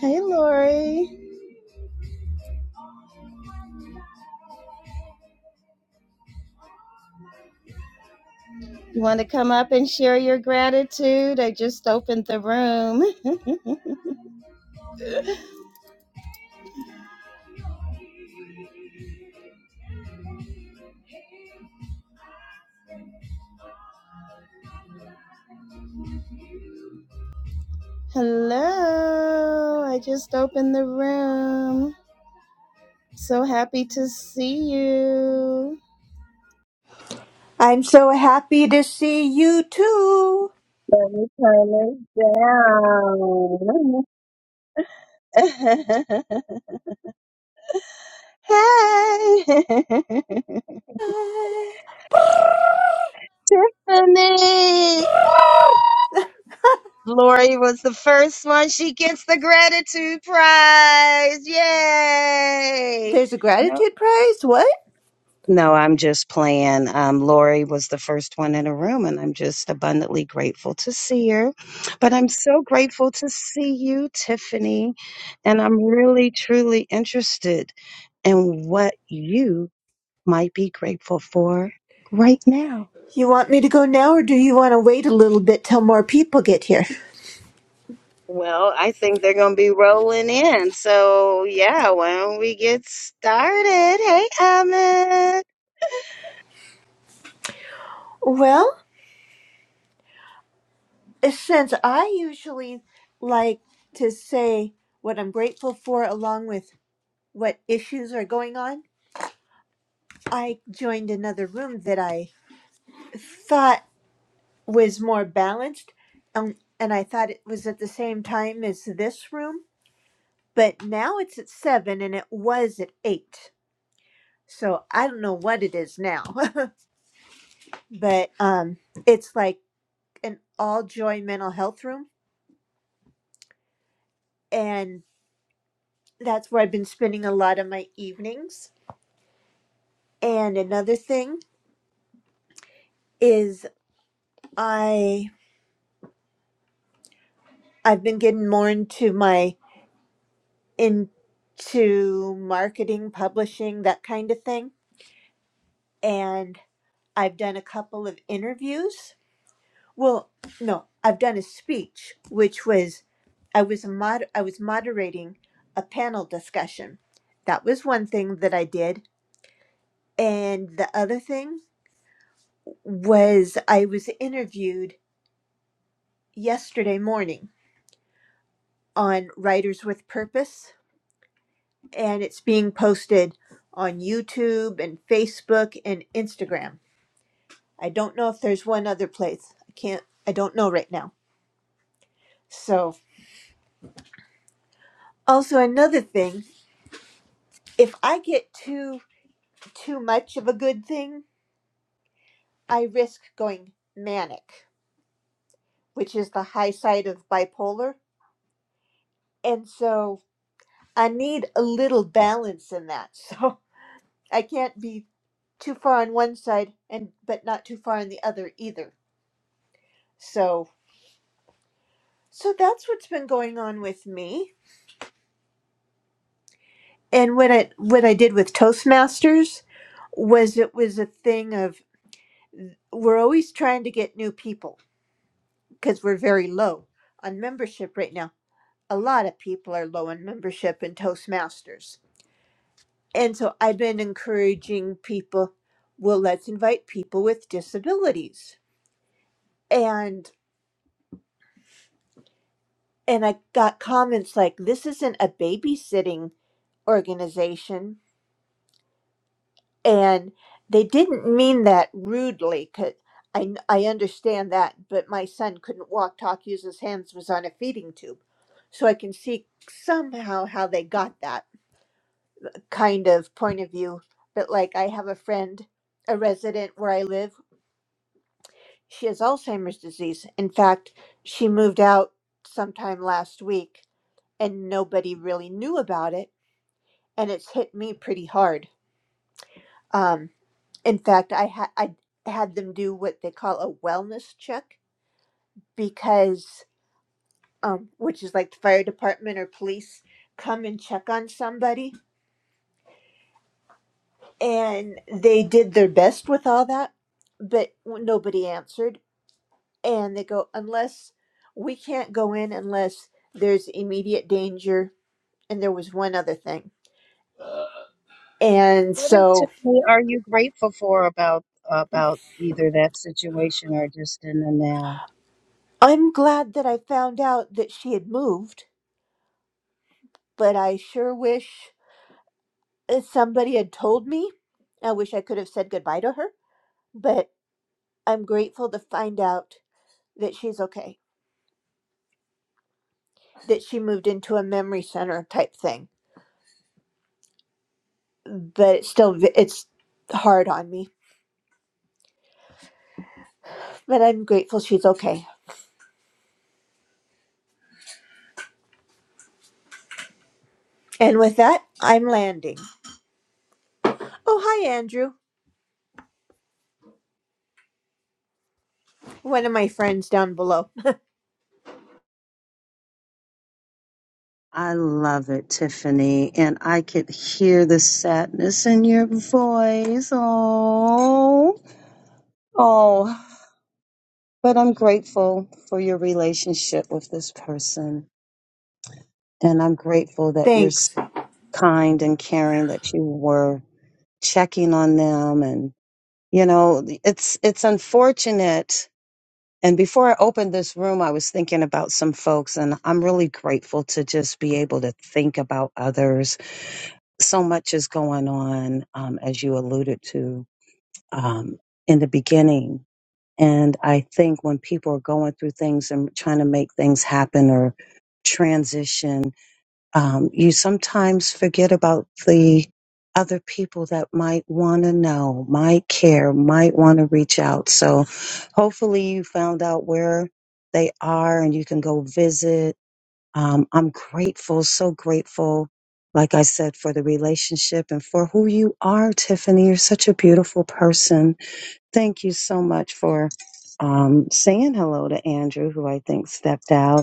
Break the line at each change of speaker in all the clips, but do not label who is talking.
Hey, Lori. You want to come up and share your gratitude? I just opened the room. Hello. I just opened the room. So happy to see you.
I'm so happy to see you too.
Let me turn this down. hey, Tiffany. Lori was the first one. She gets the gratitude prize. Yay.
There's a gratitude prize? What?
No, I'm just playing. Um, Lori was the first one in the room, and I'm just abundantly grateful to see her. But I'm so grateful to see you, Tiffany. And I'm really, truly interested in what you might be grateful for right now.
You want me to go now or do you want to wait a little bit till more people get here?
Well, I think they're going to be rolling in. So, yeah, why don't we get started? Hey, Ahmed.
Well, since I usually like to say what I'm grateful for along with what issues are going on, I joined another room that I thought was more balanced um, and I thought it was at the same time as this room but now it's at seven and it was at eight so i don't know what it is now but um it's like an all joy mental health room and that's where i've been spending a lot of my evenings and another thing is i i've been getting more into my into marketing publishing that kind of thing and i've done a couple of interviews Well, no, I've done a speech, which was I was a mod- I was moderating a panel discussion. That was one thing that I did, and the other thing was I was interviewed yesterday morning on Writers with Purpose, and it's being posted on YouTube and Facebook and Instagram. I don't know if there's one other place. I can't. I don't know right now. So also another thing, if I get too too much of a good thing, I risk going manic, which is the high side of bipolar. And so I need a little balance in that. So I can't be too far on one side and but not too far on the other either. So so that's what's been going on with me. And what I what I did with Toastmasters was it was a thing of we're always trying to get new people because we're very low on membership right now a lot of people are low in membership in Toastmasters. And so I've been encouraging people, well, let's invite people with disabilities. And and I got comments like this isn't a babysitting organization and they didn't mean that rudely 'cause I, I understand that, but my son couldn't walk, talk, use his hands, was on a feeding tube. So I can see somehow how they got that kind of point of view. But like, I have a friend, a resident where I live, she has Alzheimer's disease. In fact, she moved out sometime last week and nobody really knew about it. And it's hit me pretty hard. Um, in fact, I, ha- I had them do what they call a wellness check because, um, which is like the fire department or police come and check on somebody. And they did their best with all that, but nobody answered and they go unless we can't go in unless there's immediate danger and there was one other thing and
What in
so
Tiffany are you grateful for about about either that situation or just in the now?
i'm glad that i found out that she had moved but i sure wish uh, somebody had told me i wish i could have said goodbye to her but i'm grateful to find out that she's okay that she moved into a memory center type thing but it's still it's hard on me but i'm grateful she's okay and with that i'm landing Oh, hi, Andrew. One of my friends down below.
I love it, Tiffany, and I could hear the sadness in your voice. Oh, oh, but I'm grateful for your relationship with this person, and I'm grateful that you're s-
Thanks.
kind and caring that you were checking on them, and you know, it's it's unfortunate And before I opened this room, I was thinking about some folks, and I'm really grateful to just be able to think about others. So much is going on, um, as you alluded to um, in the beginning. And I think when people are going through things and trying to make things happen or transition, um, you sometimes forget about the other people that might want to know, might care, might want to reach out. So hopefully you found out where they are and you can go visit. Um, I'm grateful, so grateful, like I said, for the relationship and for who you are, Tiffany. You're such a beautiful person. Thank you so much for um, saying hello to Andrew, who I think stepped out.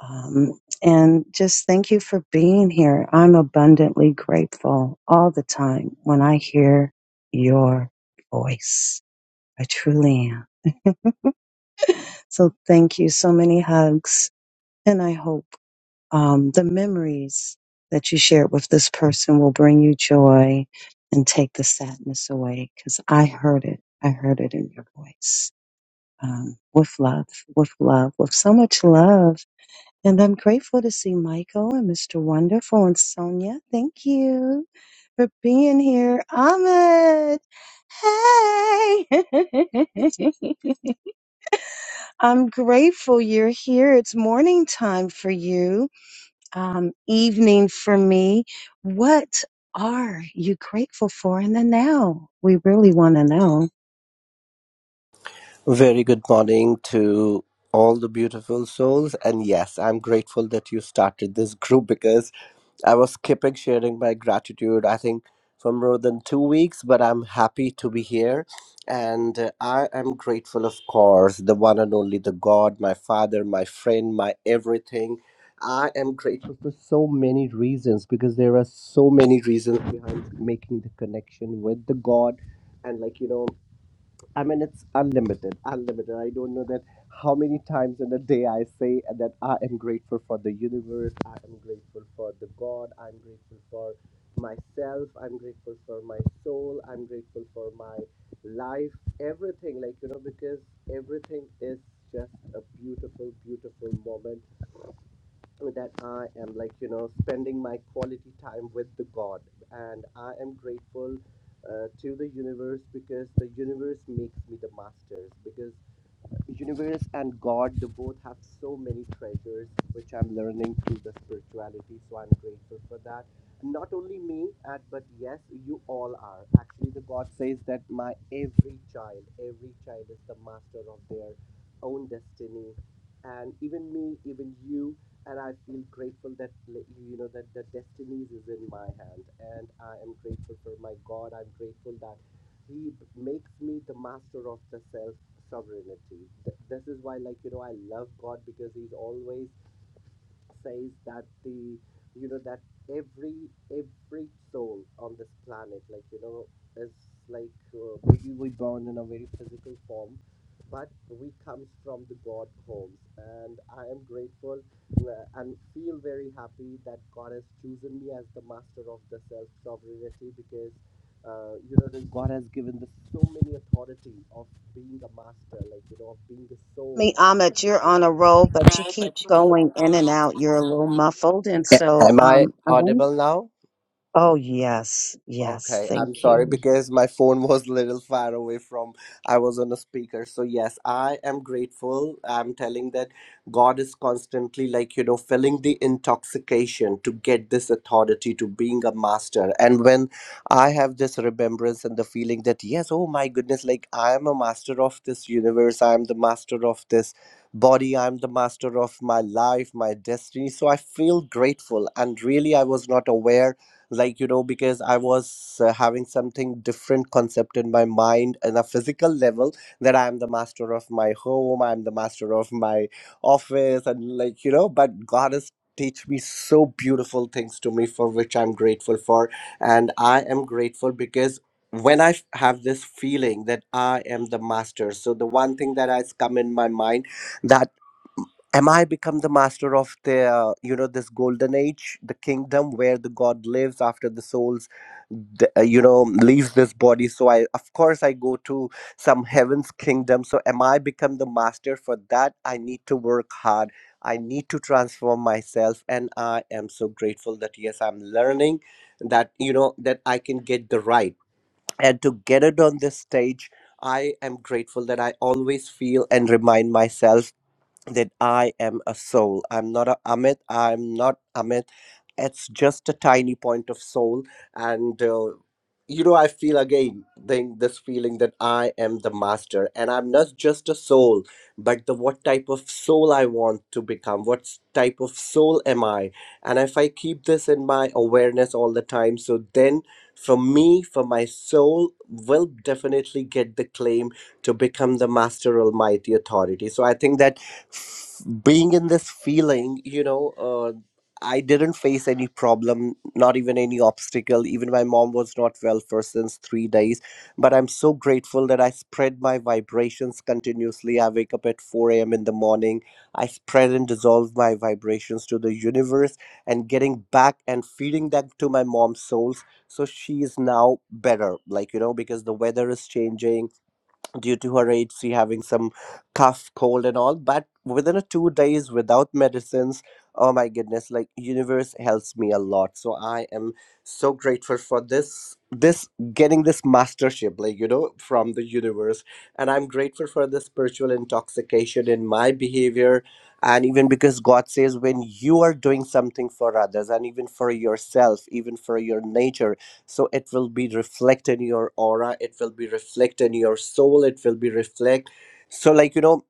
Um, and just thank you for being here. I'm abundantly grateful all the time when I hear your voice. I truly am. So thank you. So many hugs. And I hope um, the memories that you shared with this person will bring you joy and take the sadness away because I heard it. I heard it in your voice. Um, with love, with love, with so much love And I'm grateful to see Michael and Mr. Wonderful and Sonia. Thank you for being here. Ahmed, hey! I'm grateful you're here. It's morning time for you, um, evening for me. What are you grateful for in the now? We really want to know.
Very good morning to all the beautiful souls. And yes, I'm grateful that you started this group because I was skipping sharing my gratitude, I think, for more than two weeks, but I'm happy to be here. And uh, I am grateful, of course, the one and only the God, my father, my friend, my everything. I am grateful for so many reasons because there are so many reasons behind making the connection with the God. And, like, you know, I mean, it's unlimited, unlimited. I don't know that how many times in a day I say that I am grateful for the universe, I am grateful for the God, I'm grateful for myself, I'm grateful for my soul, I'm grateful for my life, everything. Like, you know, because everything is just a beautiful, beautiful moment so that I am like, you know, spending my quality time with the God. And I am grateful uh, to the universe because the universe makes me the masters. because universe and God, they both have so many treasures which I'm learning through the spirituality. So I'm grateful for that. Not only me, uh, but yes, you all are. Actually, the God says that my every child, every child is the master of their own destiny, and even me, even you. And I feel grateful that like, you know that the destinies is in my hand, and I am grateful for my God. I'm grateful that he makes me the master of the self sovereignty. Th- this is why, like, you know, I love God because he's always says that the you know that every every soul on this planet like you know is like uh, maybe we were born in a very physical form but we comes from the god homes and i am grateful uh, and feel very happy that god has chosen me as the master of the self sovereignty because uh, you know that god has given the so many authority of being a master like you know of being the soul
Me, Amit, you're on a roll, but you keep going in and out. You're a little muffled, and so
am i
um, I want
audible now
Oh, yes. Yes.
Okay, I'm
Thank
sorry
you.
because my phone was a little far away from I was on a speaker. So yes, I am grateful. I'm telling that God is constantly like, you know, filling the intoxication to get this authority to being a master. And when I have this remembrance and the feeling that yes, oh my goodness, like I am a master of this universe, I am the master of this body, I'm the master of my life, my destiny. So I feel grateful and really I was not aware like you know because i was uh, having something different concept in my mind on a physical level that i am the master of my home i am the master of my office and like you know but god has teach me so beautiful things to me for which i'm grateful for and i am grateful because when i f- have this feeling that i am the master so the one thing that has come in my mind am i become the master of the uh, you know this golden age the kingdom where the god lives after the souls the, uh, you know leaves this body so i of course i go to some heaven's kingdom so am i become the master for that i need to work hard i need to transform myself and i am so grateful that yes i'm learning that you know that i can get the right and to get it on this stage I am grateful that I always feel and remind myself that I am a soul. I'm not a Amit. I'm not Amit. It's just a tiny point of soul. And, uh, you know, I feel again then this feeling that I am the master and I'm not just a soul, but the what type of soul I want to become. What s- type of soul am I? And if I keep this in my awareness all the time, so then for me, for my soul, will definitely get the claim to become the master almighty authority. So I think that f- being in this feeling you know uh, i didn't face any problem not even any obstacle even my mom was not well for since 3 days but i'm so grateful that i spread my vibrations continuously i wake up at 4 a.m in the morning i spread and dissolve my vibrations to the universe and getting back and feeding that to my mom's souls so she is now better like you know because the weather is changing due to her age she having some cough cold and all but within a two days without medicines oh my goodness like universe helps me a lot so i am so grateful for this this getting this mastership like you know from the universe and i'm grateful for the spiritual intoxication in my behavior and even because god says when you are doing something for others and even for yourself even for your nature so it will be reflected in your aura it will be reflected in your soul it will be reflect so like you know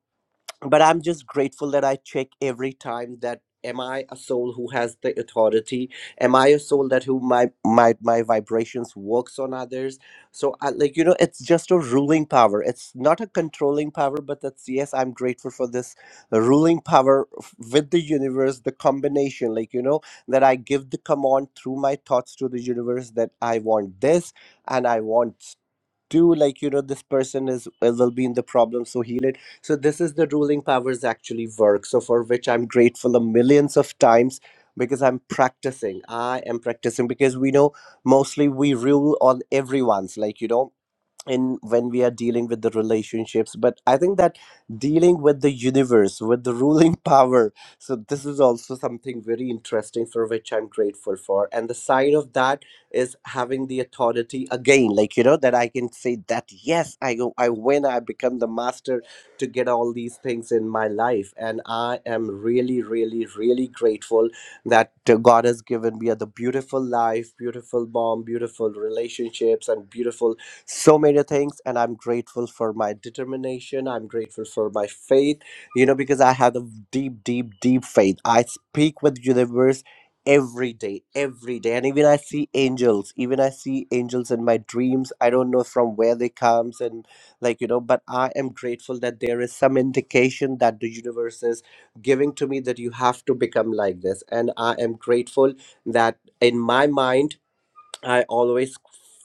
but i'm just grateful that i check every time that am i a soul who has the authority am i a soul that who my my my vibrations works on others so I, like you know it's just a ruling power it's not a controlling power but that's yes i'm grateful for this ruling power f- with the universe the combination like you know that i give the command through my thoughts to the universe that i want this and i want do like you know this person is uh, will be in the problem so heal it so this is the ruling powers actually work so for which i'm grateful a millions of times because i'm practicing i am practicing because we know mostly we rule on everyone's like you know in when we are dealing with the relationships but i think that dealing with the universe with the ruling power so this is also something very interesting for which i'm grateful for and the side of that is having the authority again like you know that i can say that yes i go i win i become the master to get all these things in my life and i am really really really grateful that uh, god has given me the beautiful life beautiful mom beautiful relationships and beautiful so many things and i'm grateful for my determination i'm grateful for my faith you know because i have a deep deep deep faith i speak with universe every day every day and even i see angels even i see angels in my dreams i don't know from where they comes and like you know but i am grateful that there is some indication that the universe is giving to me that you have to become like this and i am grateful that in my mind I always,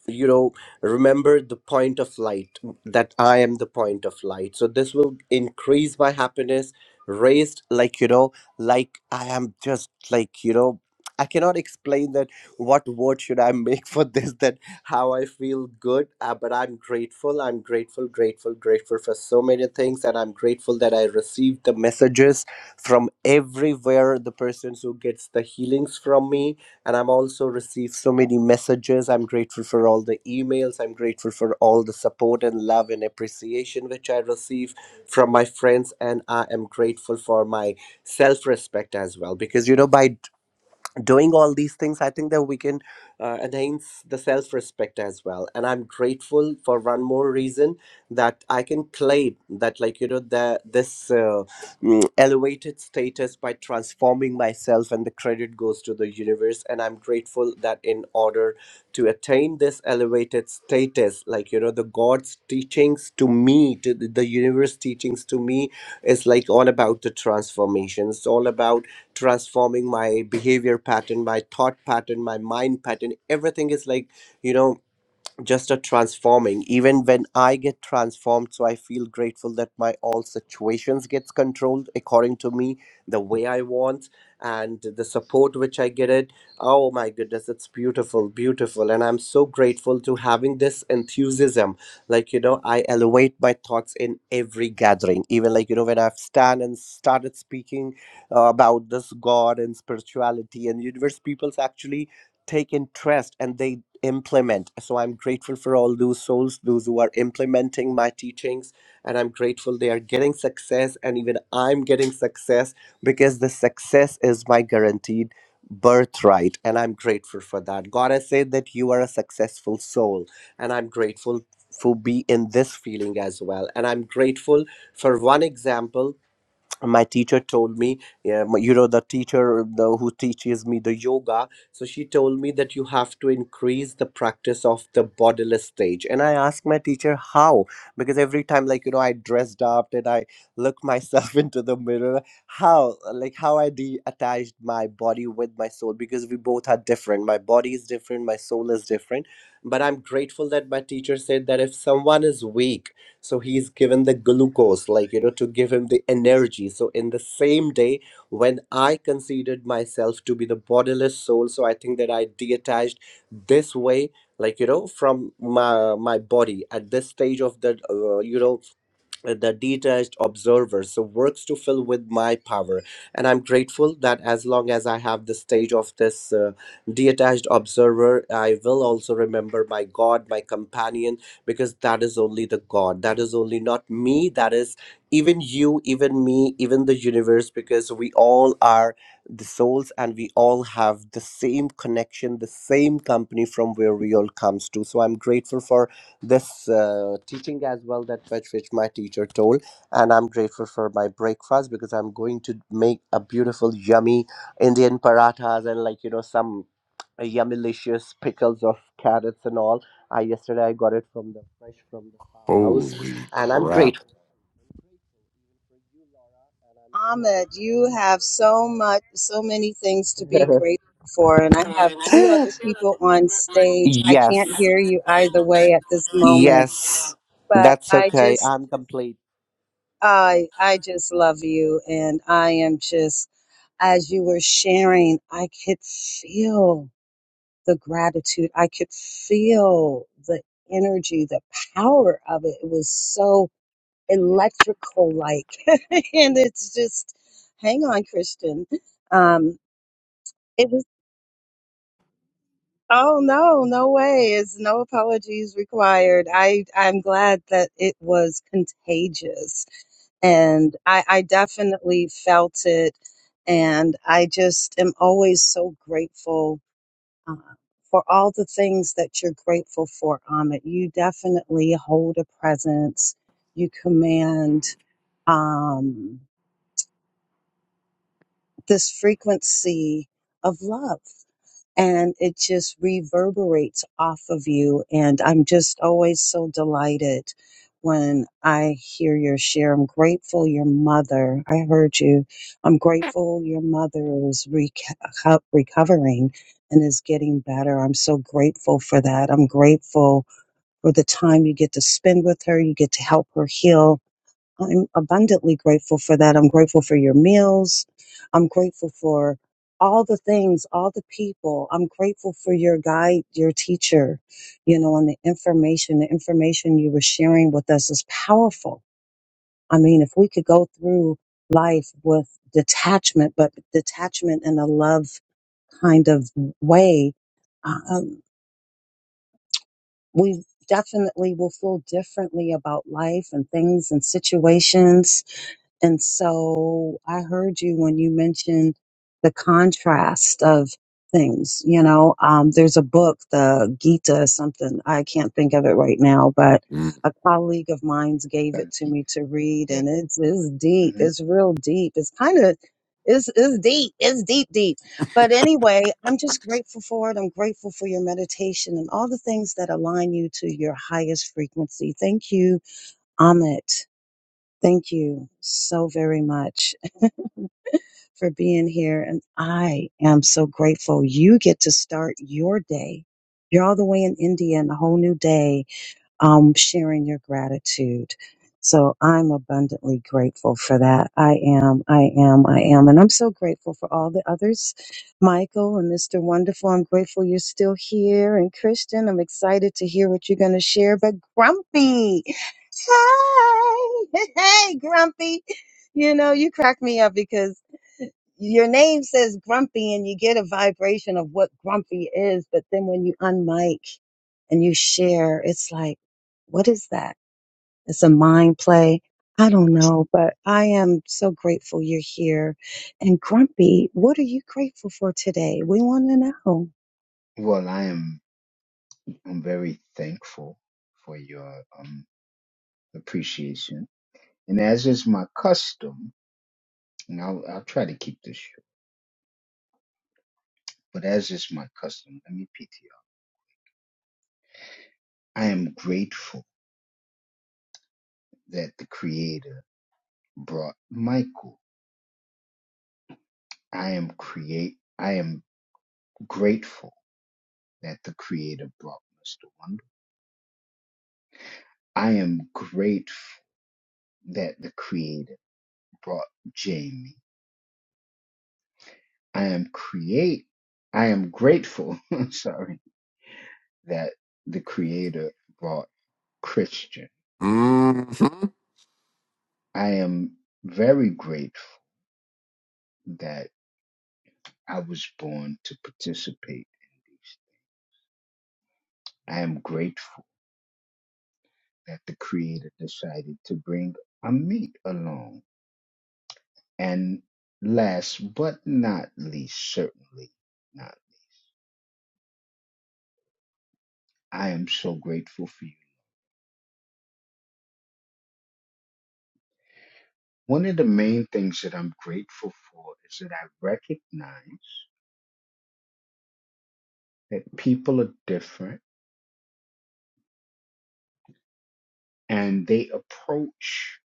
you know, remember the point of light that I am the point of light. So this will increase my happiness, raised like, you know, like I am just like, you know, I cannot explain that what word should I make for this, that how I feel good, uh, but I'm grateful. I'm grateful, grateful, grateful for so many things. And I'm grateful that I received the messages from everywhere, the persons who gets the healings from me and i'm also received so many messages i'm grateful for all the emails i'm grateful for all the support and love and appreciation which i receive from my friends and i am grateful for my self-respect as well because you know by doing all these things i think that we can uh, enhance the self respect as well and i'm grateful for one more reason that i can claim that like you know the this uh, mm, elevated status by transforming myself and the credit goes to the universe and i'm grateful that in order to attain this elevated status like you know the god's teachings to me to the the universe teachings to me is like all about the transformation. It's all about transforming my behavior pattern, my thought pattern, my mind pattern. Everything is like, you know, just a transforming even when i get transformed so i feel grateful that my all situations gets controlled according to me the way i want and the support which i get it oh my goodness it's beautiful beautiful and i'm so grateful to having this enthusiasm like you know i elevate my thoughts in every gathering even like you know when i've stand and started speaking uh, about this god and spirituality and universe people's actually take interest and they implement. So I'm grateful for all those souls, those who are implementing my teachings, and I'm grateful they are getting success, and even I'm getting success because the success is my guaranteed birthright, and I'm grateful for that. God has said that you are a successful soul, and I'm grateful for be in this feeling as well and i'm grateful for one example my teacher told me yeah, my- you know the teacher the, who teaches me the yoga so she told me that you have to increase the practice of the bodiless stage and i asked my teacher how because every time like you know i dressed up and i looked myself into the mirror how like how i detached my body with my soul because we both are different my body is different my soul is different but i'm grateful that my teacher said that if someone is weak so he's given the glucose like you know to give him the energy so in the same day when i considered myself to be the bodiless soul so i think that i detached this way like you know from my my body at this stage of the uh, you know uh, the detached observer so works to fill with my power and i'm grateful that as long as i have the stage of this uh, detached observer i will also remember my god my companion because that is only the god that is only not me that is even you even me even the universe because we all are the souls and we all have the same connection the same company from where we all comes to so i'm grateful for this uh, teaching as well that which, which my teacher told and i'm grateful for my breakfast because i'm going to make a beautiful yummy indian parathas and like you know some uh, yummylicious pickles of carrots and all i yesterday i got it from the fresh from the farmhouse
Holy
and i'm
crap.
grateful
Ahmed, you have so much, so many things to be grateful for. And I have two other people on stage. I
Yes.
can't hear you either way at this moment,
Yes.
but
That's
I
okay.
just,
I'm complete.
I, I just love you. And I am just, as you were sharing, I could feel the gratitude. I could feel the energy, the power of it. It was so electrical like and it's just hang on christian um it was oh no no way it's no apologies required i i'm glad that it was contagious and i i definitely felt it and i just am always so grateful uh, for all the things that you're grateful for amit you definitely hold a presence you command Um, this frequency of love and it just reverberates off of you. And I'm just always so delighted when I hear your share. I'm grateful your mother, I heard you. I'm grateful your mother is reco- recovering and is getting better. I'm so grateful for that. I'm grateful for the time you get to spend with her. You get to help her heal I'm abundantly grateful for that. I'm grateful for your meals. I'm grateful for all the things, all the people. I'm grateful for your guide, your teacher, you know, and the information. The information you were sharing with us is powerful. I mean, if we could go through life with detachment, but detachment in a love kind of way, um, we definitely will feel differently about life and things and situations And so I heard you when you mentioned the contrast of things. You know, um, there's a book, the Gita something, I can't think of it right now, but a colleague of mine gave
God
it to me to read
Yeah.
and it's, it's deep.
hmm
It's real deep. It's kind of, it's, it's deep. It's deep, deep. But anyway, I'm just grateful for it. I'm grateful for your meditation and all the things that align you to your highest frequency. Thank you, Amit. Thank you so very much for being here. And I am so grateful you get to start your day. You're all the way in India and a whole new day um, sharing your gratitude. So I'm abundantly grateful for that. I am, I am, I am. And I'm so grateful for all the others, Michael and Mr. Wonderful. I'm grateful you're still here. And Christian, I'm excited to hear what you're going to share. But Grumpy, hi, hey, Grumpy. You know, you crack me up because your name says grumpy and you get a vibration of what grumpy is, but then when you unmic and you share, it's like, what is that? It's a mind play. I don't know, but I am so grateful you're here. And Grumpy, what are you grateful for today? We want to know.
Well, I am I'm very thankful for your um appreciation, and as is my custom, and I'll I'll try to keep this short. But as is my custom, let me PTR. I am grateful that the Creator brought Michael. I am create. I am grateful that the Creator brought Mr. Wonder. I am grateful that the Creator brought Jamie. I am create I am grateful, I'm sorry, that the creator brought Christian.
Mm-hmm.
I am very grateful that I was born to participate in these. I am grateful that the creator decided to bring a meat along. And last but not least, certainly not, I am so grateful for you. One of the main things that I'm grateful for is that I recognize that people are different and they approach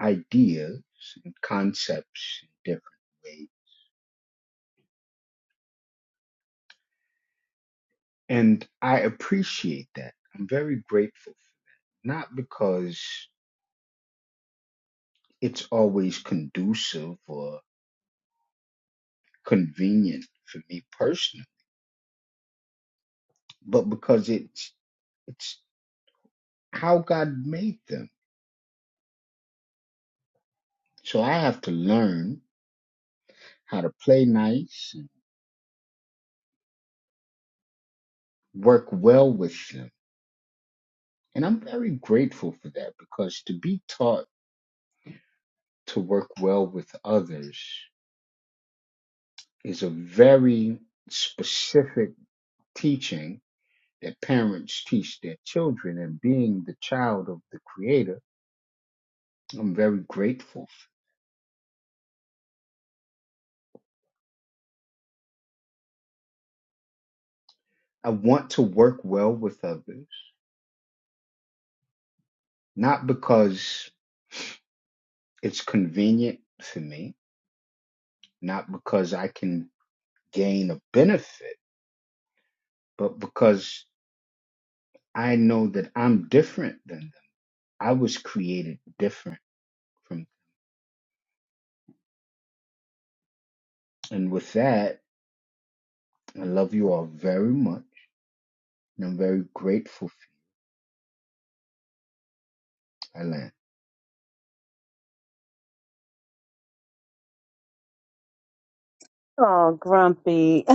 ideas and concepts in different ways. And I appreciate that. I'm very grateful for that. Not because it's always conducive or convenient for me personally, but because it's it's how God made them. So I have to learn how to play nice and work well with them. And I'm very grateful for that because to be taught to work well with others is a very specific teaching that parents teach their children. And being the child of the Creator, I'm very grateful. I want to work well with others, not because it's convenient for me, not because I can gain a benefit, but because I know that I'm different than them. I was created different from. them. And with that, I love you all very much. and I'm very grateful for my land.
Oh, Grumpy.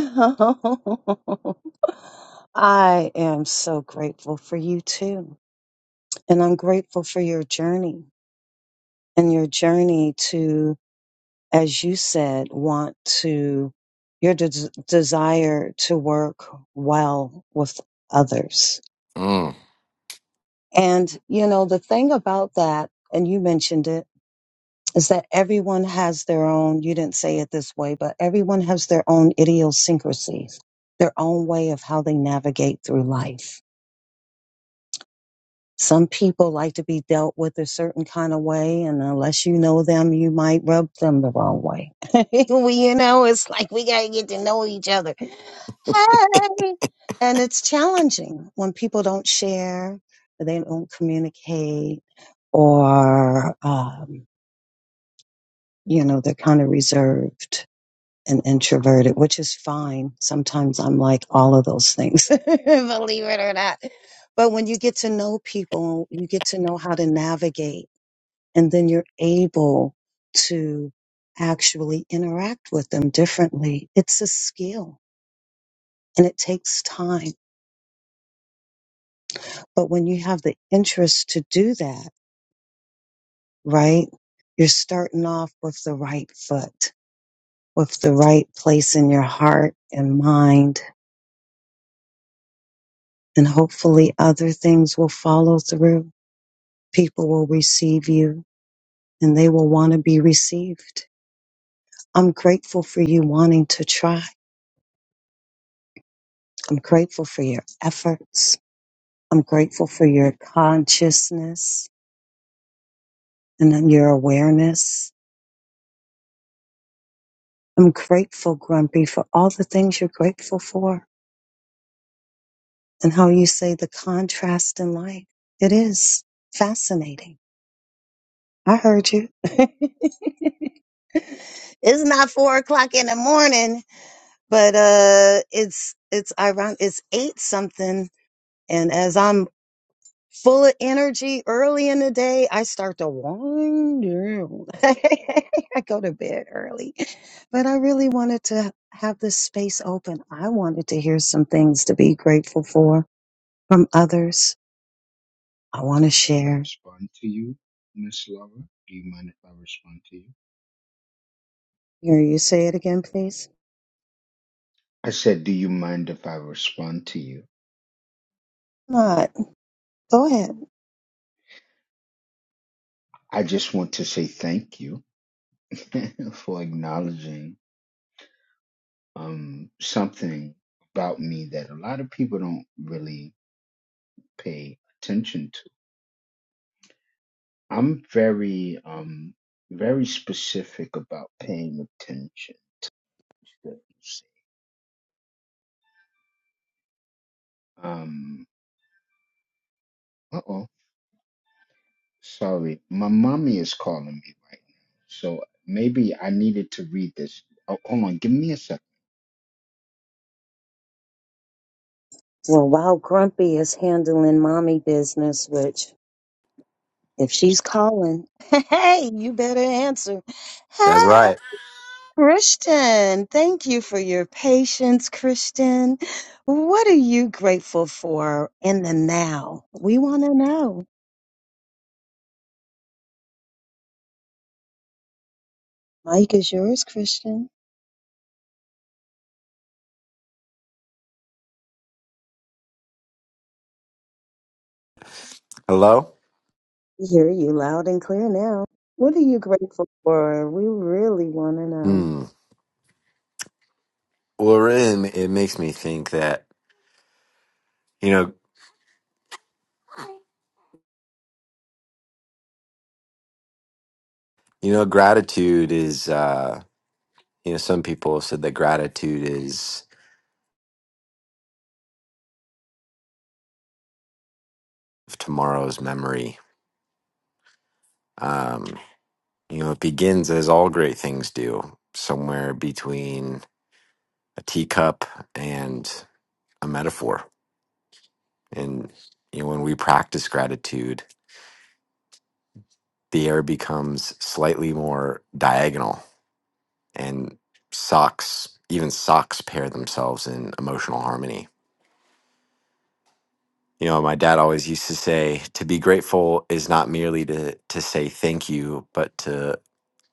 I am so grateful for you too. And I'm grateful for your journey and your journey to. as you said, want to, your des- desire to work well with others.
Mm.
And, you know, the thing about that, and you mentioned it, is that everyone has their own, you didn't say it this way, but everyone has their own idiosyncrasies, their own way of how they navigate through life. Some people like to be dealt with a certain kind of way, and unless you know them, you might rub them the wrong way. we, you know, it's like we got to get to know each other. Hey! And it's challenging when people don't share, or they don't communicate, or, um, you know, they're kind of reserved and introverted, which is fine. Sometimes I'm like all of those things, believe it or not. But when you get to know people, you get to know how to navigate, and then you're able to actually interact with them differently. It's a skill and it takes time. But when you have the interest to do that, right, you're starting off with the right foot, with the right place in your heart and mind and hopefully other things will follow through. People will receive you and they will want to be received. I'm grateful for you wanting to try. I'm grateful for your efforts. I'm grateful for your consciousness and then your awareness. I'm grateful, Grumpy, for all the things you're grateful for and how you say the contrast in life. It is fascinating. I heard you. it's not four o'clock in the morning but uh it's it's ironic it's eight something and as i'm full of energy early in the day i start to wind down i go to bed early but i really wanted to have this space open i wanted to hear some things to be grateful for from others i want to
If I
share
respond to you, Miss Laura, do you mind if I respond to you?
hear you say it again please
I said, do you mind if I respond to you?
not go ahead
I just want to say thank you for acknowledging um, something about me that a lot of people don't really pay attention to. I'm very, um, very specific about paying attention. to things. Um, uh-oh. Sorry, my mommy is calling me right now. So maybe I needed to read this. Oh, hold on, give me a second.
well while grumpy is handling mommy business which If she's calling, hey, you better answer.
That's
Hey,
right.
Christian, thank you for your patience, Christian. What are you grateful for in the now? We want to know. Mike is yours, Christian.
Hello?
We hear you loud and clear now. What are you grateful for? We really want to know.
Hmm. Well, it, it makes me think that, you know, you know, gratitude is, uh, you know, some people have said that gratitude is tomorrow's memory. Um, you know, it begins as all great things do, somewhere between a teacup and a metaphor. And, you know, when we practice gratitude, the air becomes slightly more diagonal and socks even socks pair themselves in emotional harmony you know my dad always used to say to be grateful is not merely to to say thank you but to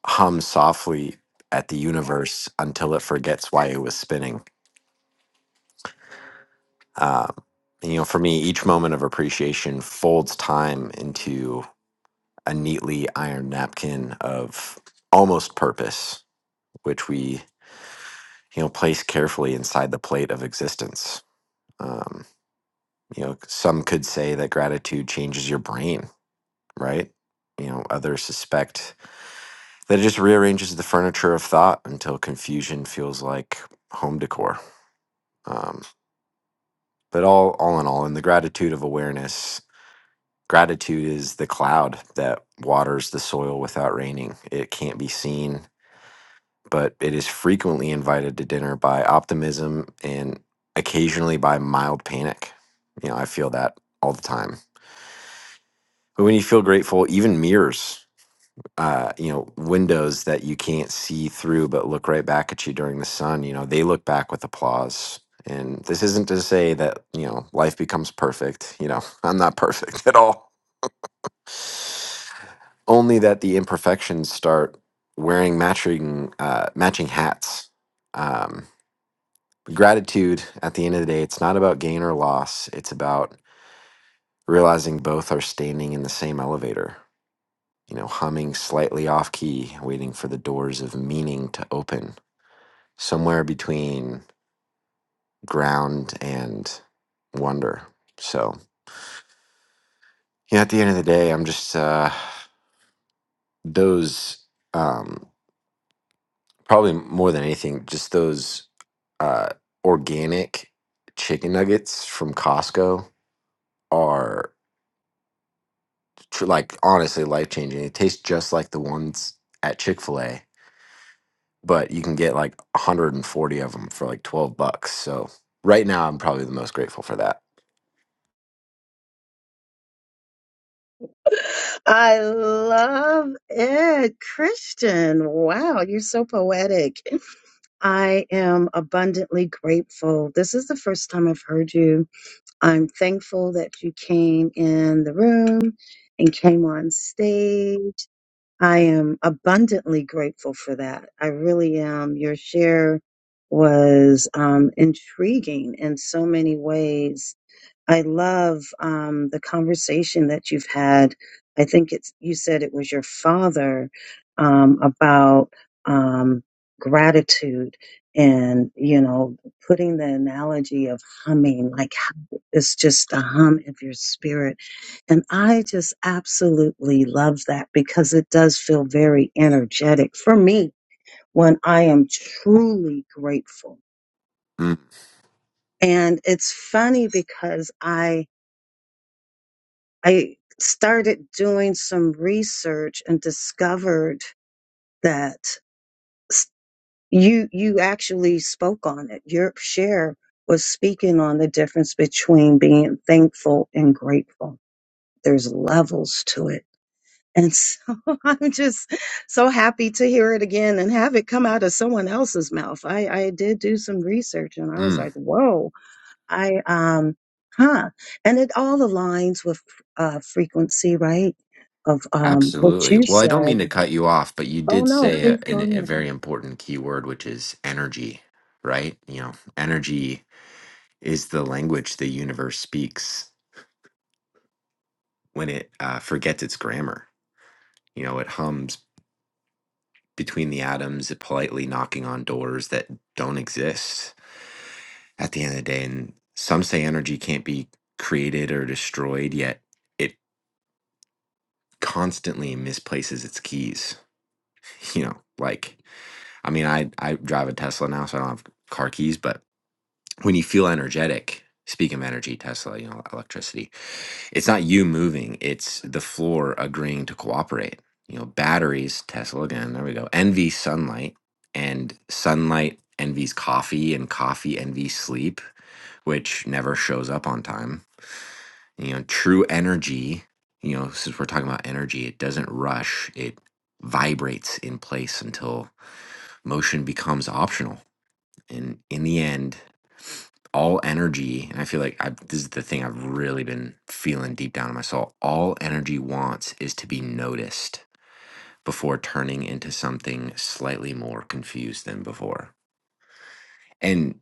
hum softly at the universe until it forgets why it was spinning um, and, you know for me each moment of appreciation folds time into a neatly ironed napkin of almost purpose which we you know place carefully inside the plate of existence Um, You know, some could say that gratitude changes your brain, right? You know, others suspect that it just rearranges the furniture of thought until confusion feels like home decor. Um, but all, all in all, in the gratitude of awareness, gratitude is the cloud that waters the soil without raining. It can't be seen, but it is frequently invited to dinner by optimism and occasionally by mild panic. You know, I feel that all the time. But when you feel grateful, even mirrors uh, you know, windows that you can't see through but look right back at you during the sun, you know, they look back with applause. And this isn't to say that, you know, life becomes perfect. You know, I'm not perfect at all. Only that the imperfections start wearing matching uh, matching hats. Um, gratitude at the end of the day, it's not about gain or loss. It's about realizing both are standing in the same elevator you know, humming slightly off key, waiting for the doors of meaning to open, somewhere between ground and wonder. So, you know, at the end of the day, I'm just uh, those, um, probably more than anything, just those uh, organic chicken nuggets from Costco are tr- like honestly life changing. It tastes just like the ones at Chick fil A but you can get like 140 of them for like 12 bucks. So right now I'm probably the most grateful for that.
I love it, Christian. Wow, you're so poetic. I am abundantly grateful. This is the first time I've heard you. I'm thankful that you came in the room and came on stage. I am abundantly grateful for that. I really am. Your share was um, intriguing in so many ways I love um, the conversation that you've had. I think it's you said it was your father um, about um, gratitude and you know putting the analogy of humming like how it's just the hum of your spirit and i just absolutely love that because it does feel very energetic for me when i am truly grateful
Mm,
and it's funny because i I started doing some research and discovered that s- you you actually spoke on it. Your share was speaking on the difference between being thankful and grateful. There's levels to it. And so I'm just so happy to hear it again and have it come out of someone else's mouth. I, I did do some research and I was
mm,
like, whoa, I um huh and it all aligns with uh frequency right of um what
absolutely.
you
Well, I don't
said
mean to cut you off, but you
oh
did
no
say a,
please go
an, a
ahead
very important key word, which is energy, right? You know, energy is the language the universe speaks when it uh, forgets its grammar. You know, it hums between the atoms, politely knocking on doors that don't exist. at the end of the day. And some say energy can't be created or destroyed, yet it constantly misplaces its keys. You know, like I mean, I I drive a Tesla now, so I don't have car keys, but when you feel energetic, speaking of energy, Tesla, you know, electricity, it's not you moving, it's the floor agreeing to cooperate. You know, batteries, Tesla again, there we go. Envy sunlight and sunlight envies coffee and coffee envies sleep, which never shows up on time you know true energy you know since we're talking about energy it doesn't rush it vibrates in place until motion becomes optional and in the end all energy and i feel like I, this is the thing i've really been feeling deep down in my soul all energy wants is to be noticed before turning into something slightly more confused than before and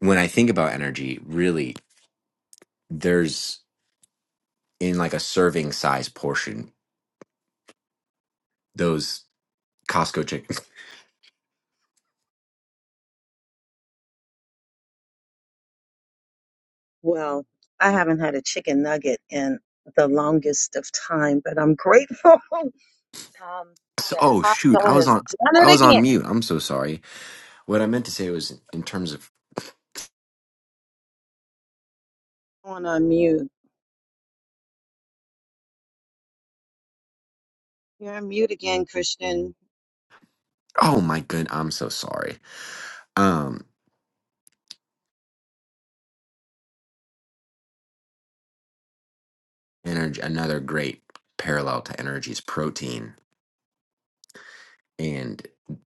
when i think about energy really there's in like a serving size portion those Costco chicken.
well I haven't had a chicken nugget in the longest of time but I'm grateful um that
Oh shoot, I
Costco
was
has
on
done
I
it
was on
again
mute. I'm so sorry. What I meant to say was in terms of
on unmute you're on mute again Christian
oh my good, I'm so sorry. Um energy another great parallel to energy is protein and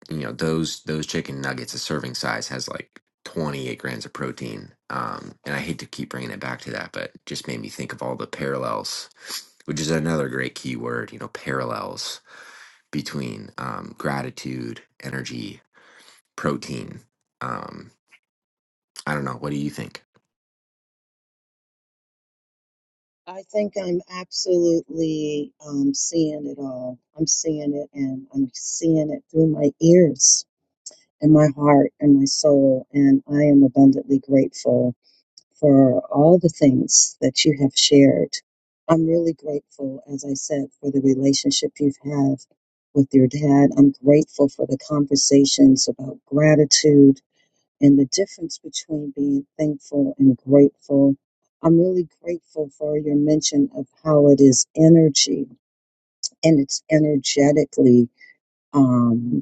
you know those those chicken nuggets a serving size has like 28 grams of protein um and i hate to keep bringing it back to that but just made me think of all the parallels which is another great keyword you know parallels between um, gratitude, energy, protein. Um, I don't know. What do you think?
I think I'm absolutely um seeing it all I'm seeing it and I'm seeing it through my ears in my heart and my soul. And I am abundantly grateful for all the things that you have shared. I'm really grateful, as I said, for the relationship you've had with your dad. I'm grateful for the conversations about gratitude and the difference between being thankful and grateful. I'm really grateful for your mention of how it is energy and it's energetically. um,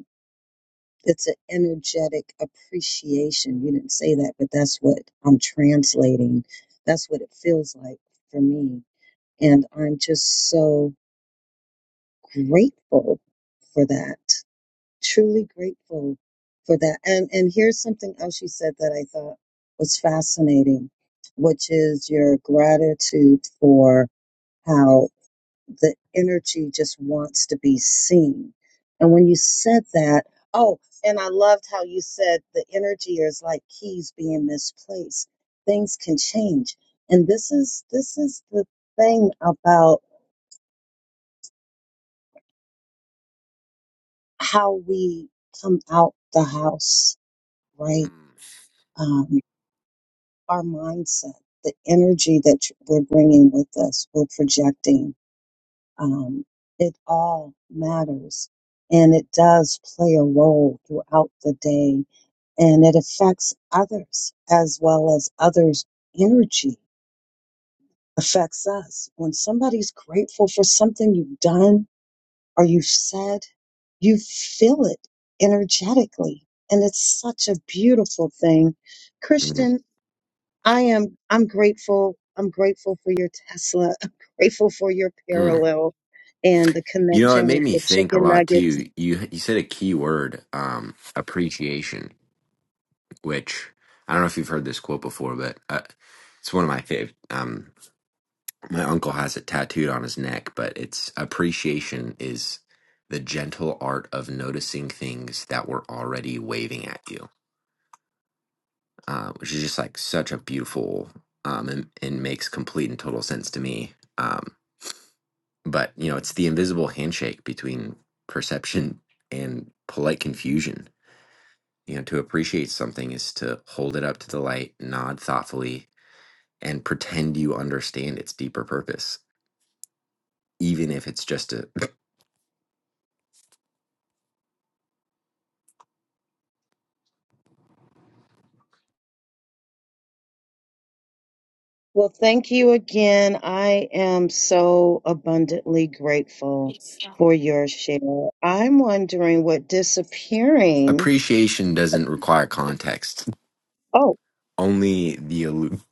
it's an energetic appreciation. You didn't say that, but that's what I'm translating. That's what it feels like for me. And I'm just so grateful for that. Truly grateful for that. And and here's something else you said that I thought was fascinating, which is your gratitude for how the energy just wants to be seen. And when you said that, oh, and I loved how you said the energy is like keys being misplaced. Things can change. And this is this is the thing about how we come out the house, right? Um, our mindset, the energy that we're bringing with us, we're projecting Um, it all matters and it does play a role throughout the day and it affects others as well as others' energy affects us. When somebody's grateful for something you've done or you've said, you feel it energetically. And it's such a beautiful thing.
Mm,
Christian, I am I'm grateful. I'm grateful for your Tesla. I'm grateful for your
mm.
parallel and the
You know, it
connection
made
with
me
the
think a
chicken
lot
nuggets.
too. You you said a key word, um, appreciation, which I don't know if you've heard this quote before, but uh, it's one of my favorite. Um, my uncle has it tattooed on his neck, but it's appreciation is the gentle art of noticing things that were already waving at you. uh, which is just like such a beautiful um, and, and makes complete and total sense to me. Um, but you know, it's the invisible handshake between perception and polite confusion. You know, to appreciate something is to hold it up to the light, nod thoughtfully, and pretend you understand its deeper purpose, even if it's just a
Well, thank you again. I am so abundantly grateful for your share. I'm wondering what disappearing.
appreciation doesn't require context.
Oh,
Only the aloof.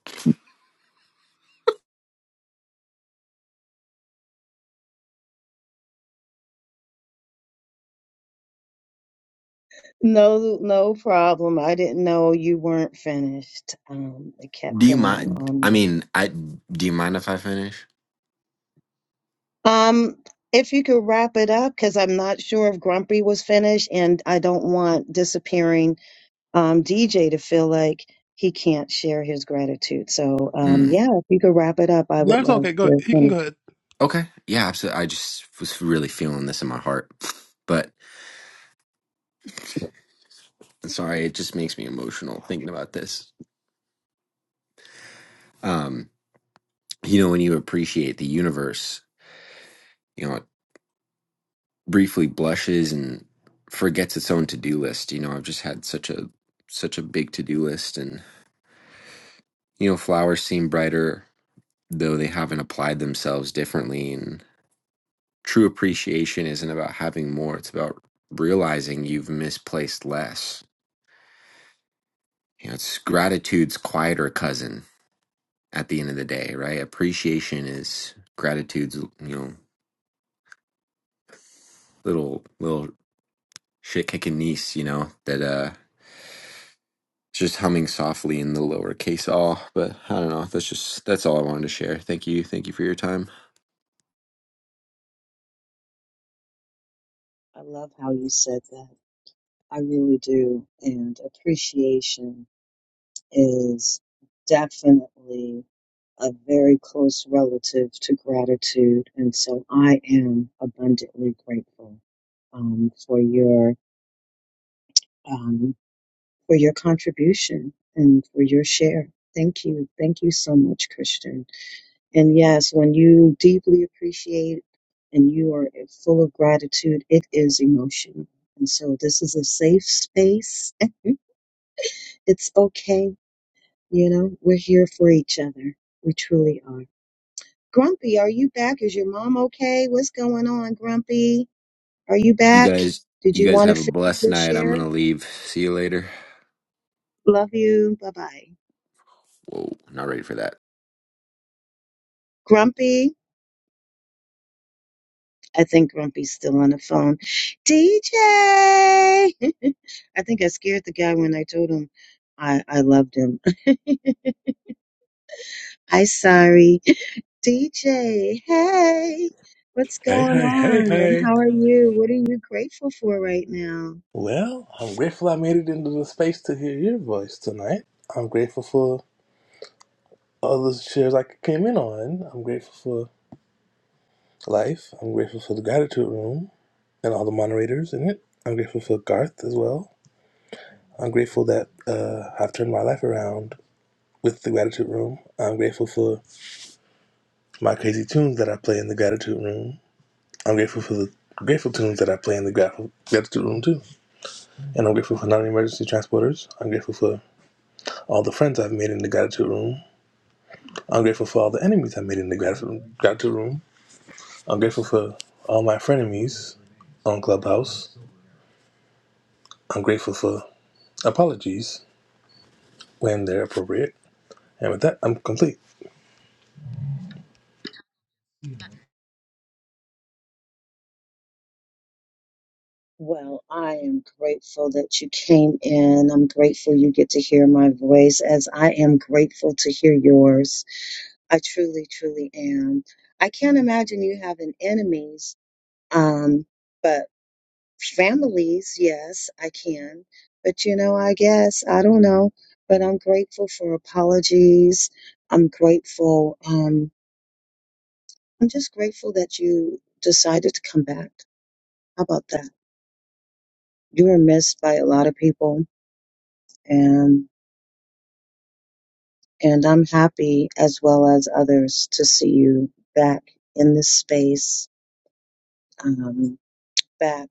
no, no problem. I didn't know you weren't finished. Um, it kept
Do you
going
mind?
on.
I mean, I do you mind if I finish?
Um, if you could wrap it up, because I'm not sure if Grumpy was finished, and I don't want disappearing um, DJ to feel like he can't share his gratitude. So, um,
Mm.
yeah, if you could wrap it up, I would
That's
love
okay. Go.
to
He can
finish.
go ahead.
Okay. Yeah, absolutely. I just was really feeling this in my heart. But sorry, it just makes me emotional thinking about this. Um, you know, when you appreciate the universe, you know. briefly blushes and forgets its own to-do list. You know, I've just had such a such a big to-do list and you know, flowers seem brighter though they haven't applied themselves differently and true appreciation isn't about having more, it's about realizing you've misplaced less. You know, it's gratitude's quieter cousin at the end of the day, right? Appreciation is gratitude's, you know, little little shit kicking niece, you know, that uh just humming softly in the lowercase all. But I don't know. That's just that's all I wanted to share. Thank you. Thank you for your time.
I love how you said that. I really do. And appreciation is definitely a very close relative to gratitude. And so I am abundantly grateful um, for your. Um, for your contribution and for your share. Thank you. Thank you so much, Christian. And yes, when you deeply appreciate and you are full of gratitude, it is emotional. And so this is a safe space. it's okay. You know, we're here for each other. We truly are. Grumpy, are you back? Is your mom okay? What's going on, Grumpy? Are you
You
back?
guys
Did
you
you
guys
want to
have a
finish
blessed
your
night. I'm
share?
gonna leave. See you later.
Love you. Bye bye.
Whoa, not ready for that.
Grumpy? I think Grumpy's still on the phone. DJ, I think I scared the guy when I told him I I loved him. Hi, sorry, DJ. Hey, what's
Hey,
going
hey, hey,
on? And
hey.
how are you? What are you grateful for right now?
Well, I'm grateful I made it into the space to hear your voice tonight. I'm grateful for all the shares I came in on. I'm grateful for life. I'm grateful for the gratitude room and all the moderators in it. I'm grateful for Garth as well. I'm grateful that uh, I've turned my life around with the gratitude room. I'm grateful for my crazy tunes that I play in the gratitude room. I'm grateful for the grateful tunes that I play in the grat- gratitude room too. And I'm grateful for non emergency transporters. I'm grateful for all the friends I've made in the gratitude room. I'm grateful for all the enemies I've made in the gratitude, room. I'm grateful for all my frenemies on Clubhouse. I'm grateful for apologies when they're appropriate. And with that, I'm complete.
Well, I am grateful that you came in. I'm grateful you get to hear my voice as I am grateful to hear yours. I truly, truly am. I can't imagine you having enemies. Um, but. families, yes, I can. But you know, I guess I don't know. But I'm grateful for apologies. I'm grateful. Um, I'm just grateful that you decided to come back. How about that? You were missed by a lot of people, and and I'm happy as well as others to see you back in this space, um, back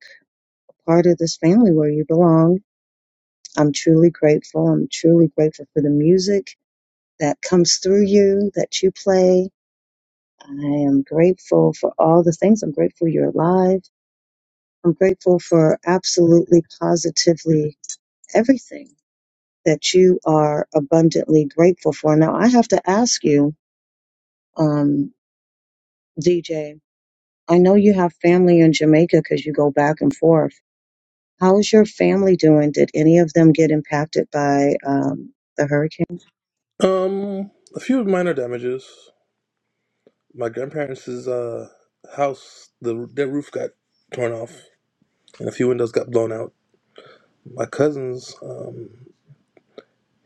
part of this family where you belong. I'm truly grateful. I'm truly grateful for the music that comes through you, that you play. I am grateful for all the things. I'm grateful you're alive. I'm grateful for absolutely positively everything that you are abundantly grateful for. Now, I have to ask you, um, DJ, I know you have family in Jamaica because you go back and forth. How is your family doing? Did any of them get impacted by um, the hurricane?
Um, a few minor damages. My grandparents' uh, house, the their roof got torn off, and a few windows got blown out. My cousin's, um,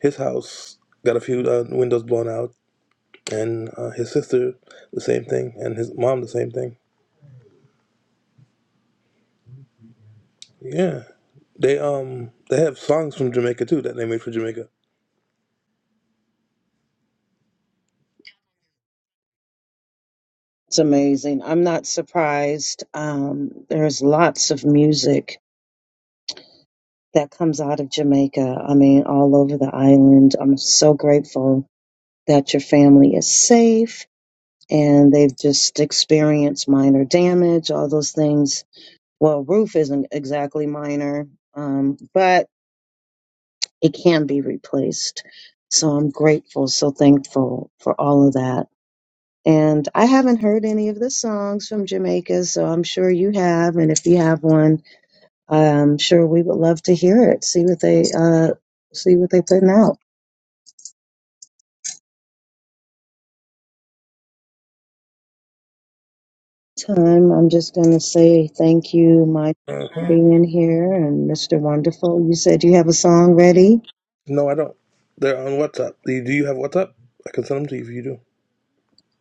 his house got a few uh, windows blown out and uh, his sister the same thing, and his mom the same thing. Yeah, they um they have songs from Jamaica too that they made for Jamaica.
It's amazing. I'm not surprised. Um, there's lots of music that comes out of Jamaica. I mean, all over the island. I'm so grateful that your family is safe and they've just experienced minor damage, all those things. Well, roof isn't exactly minor, um, but it can be replaced. So I'm grateful, so thankful for all of that. And I haven't heard any of the songs from Jamaica, so I'm sure you have. And if you have one, I'm sure we would love to hear it. See what they uh, see what they're putting out. time, I'm just going to say thank you, Mike, for
Mhm.
being here, and Mr. Wonderful. You said you have a song ready.
No, I don't. They're on WhatsApp. Do you, do you have WhatsApp? I can send them to you if you do.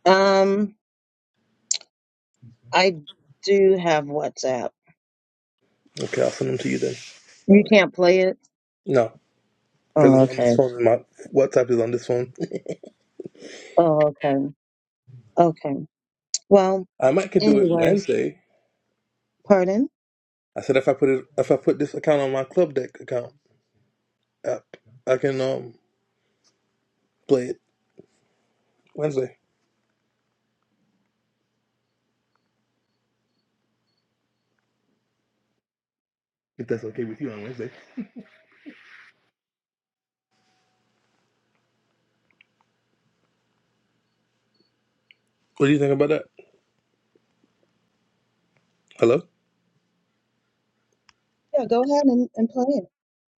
Um, I do have WhatsApp.
Okay, I'll send them to you then. That
You
way.
can't play it.
No, because
Oh,
it's on this
okay.
phone. My WhatsApp is on this phone.
Oh, okay. Okay. Well,
I might could do it
anyways,
Wednesday.
pardon.
I said if I put it if I put this account on my Club Deck account app, I can um play it Wednesday. If that's okay with you on Wednesday. What do you think about that? Hello.
Yeah, go ahead and, and play it.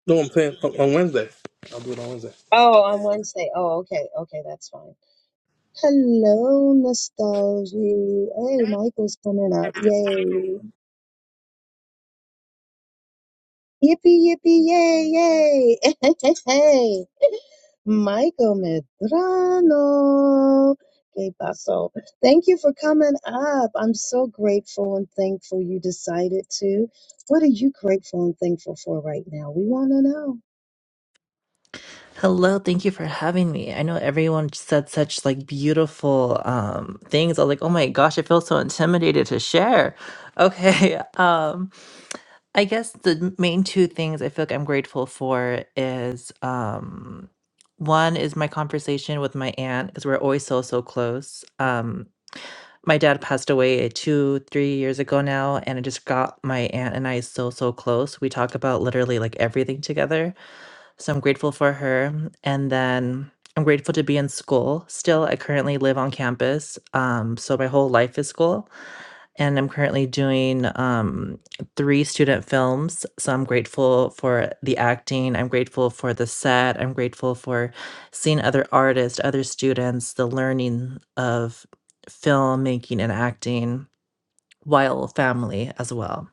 No, I'm saying on on Wednesday. I'll do it on Wednesday.
Oh, on Wednesday. Oh, okay. Okay, that's fine. Hello, nostalgia. Hey, Michael's coming up. Yay. Yippee, yippee, yay, yay. Michael Medrano. Que paso? Thank you for coming up. I'm so grateful and thankful you decided to. What are you grateful and thankful for right now? We want to know.
Hello, thank you for having me. I know everyone said such like beautiful um things. I was like, "Oh my gosh, I feel so intimidated to share." Okay. Um I guess the main two things I feel like I'm grateful for is um one is my conversation with my aunt because we're always so so close. Um my dad passed away 2 3 years ago now and I just got my aunt and I so so close. We talk about literally like everything together so I'm grateful for her. And then I'm grateful to be in school still. I currently live on campus. Um, so my whole life is school. And I'm currently doing um, three student films. So I'm grateful for the acting. I'm grateful for the set. I'm grateful for seeing other artists, other students, the learning of filmmaking and acting while family as well.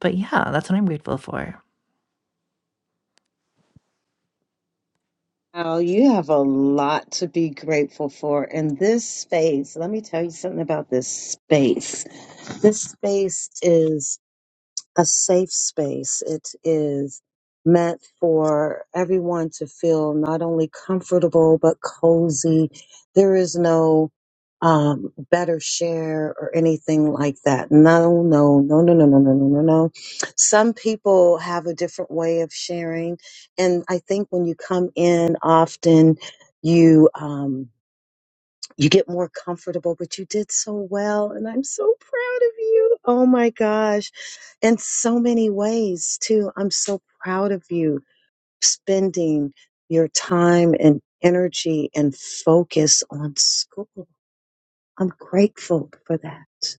But yeah, that's what I'm grateful for.
Oh, you have a lot to be grateful for in this space. Let me tell you something about this space. This space is a safe space. It is meant for everyone to feel not only comfortable but cozy. There is no um, better share or anything like that. No, no, no, no, no, no, no, no, no, no. Some people have a different way of sharing, and I think when you come in often, you. Um, you get more comfortable, but you did so well. And I'm so proud of you. Oh my gosh. In so many ways, too. I'm so proud of you spending your time and energy and focus on school. I'm grateful for that.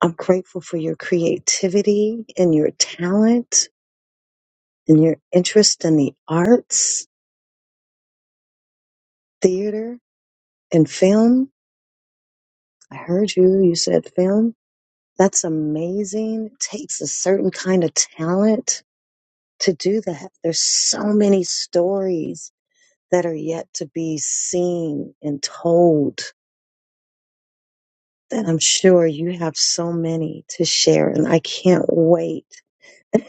I'm grateful for your creativity and your talent and your interest in the arts, theater, and film. I heard you. You said film. That's amazing. It takes a certain kind of talent to do that. There's so many stories that are yet to be seen and told that I'm sure you have so many to share. And I can't wait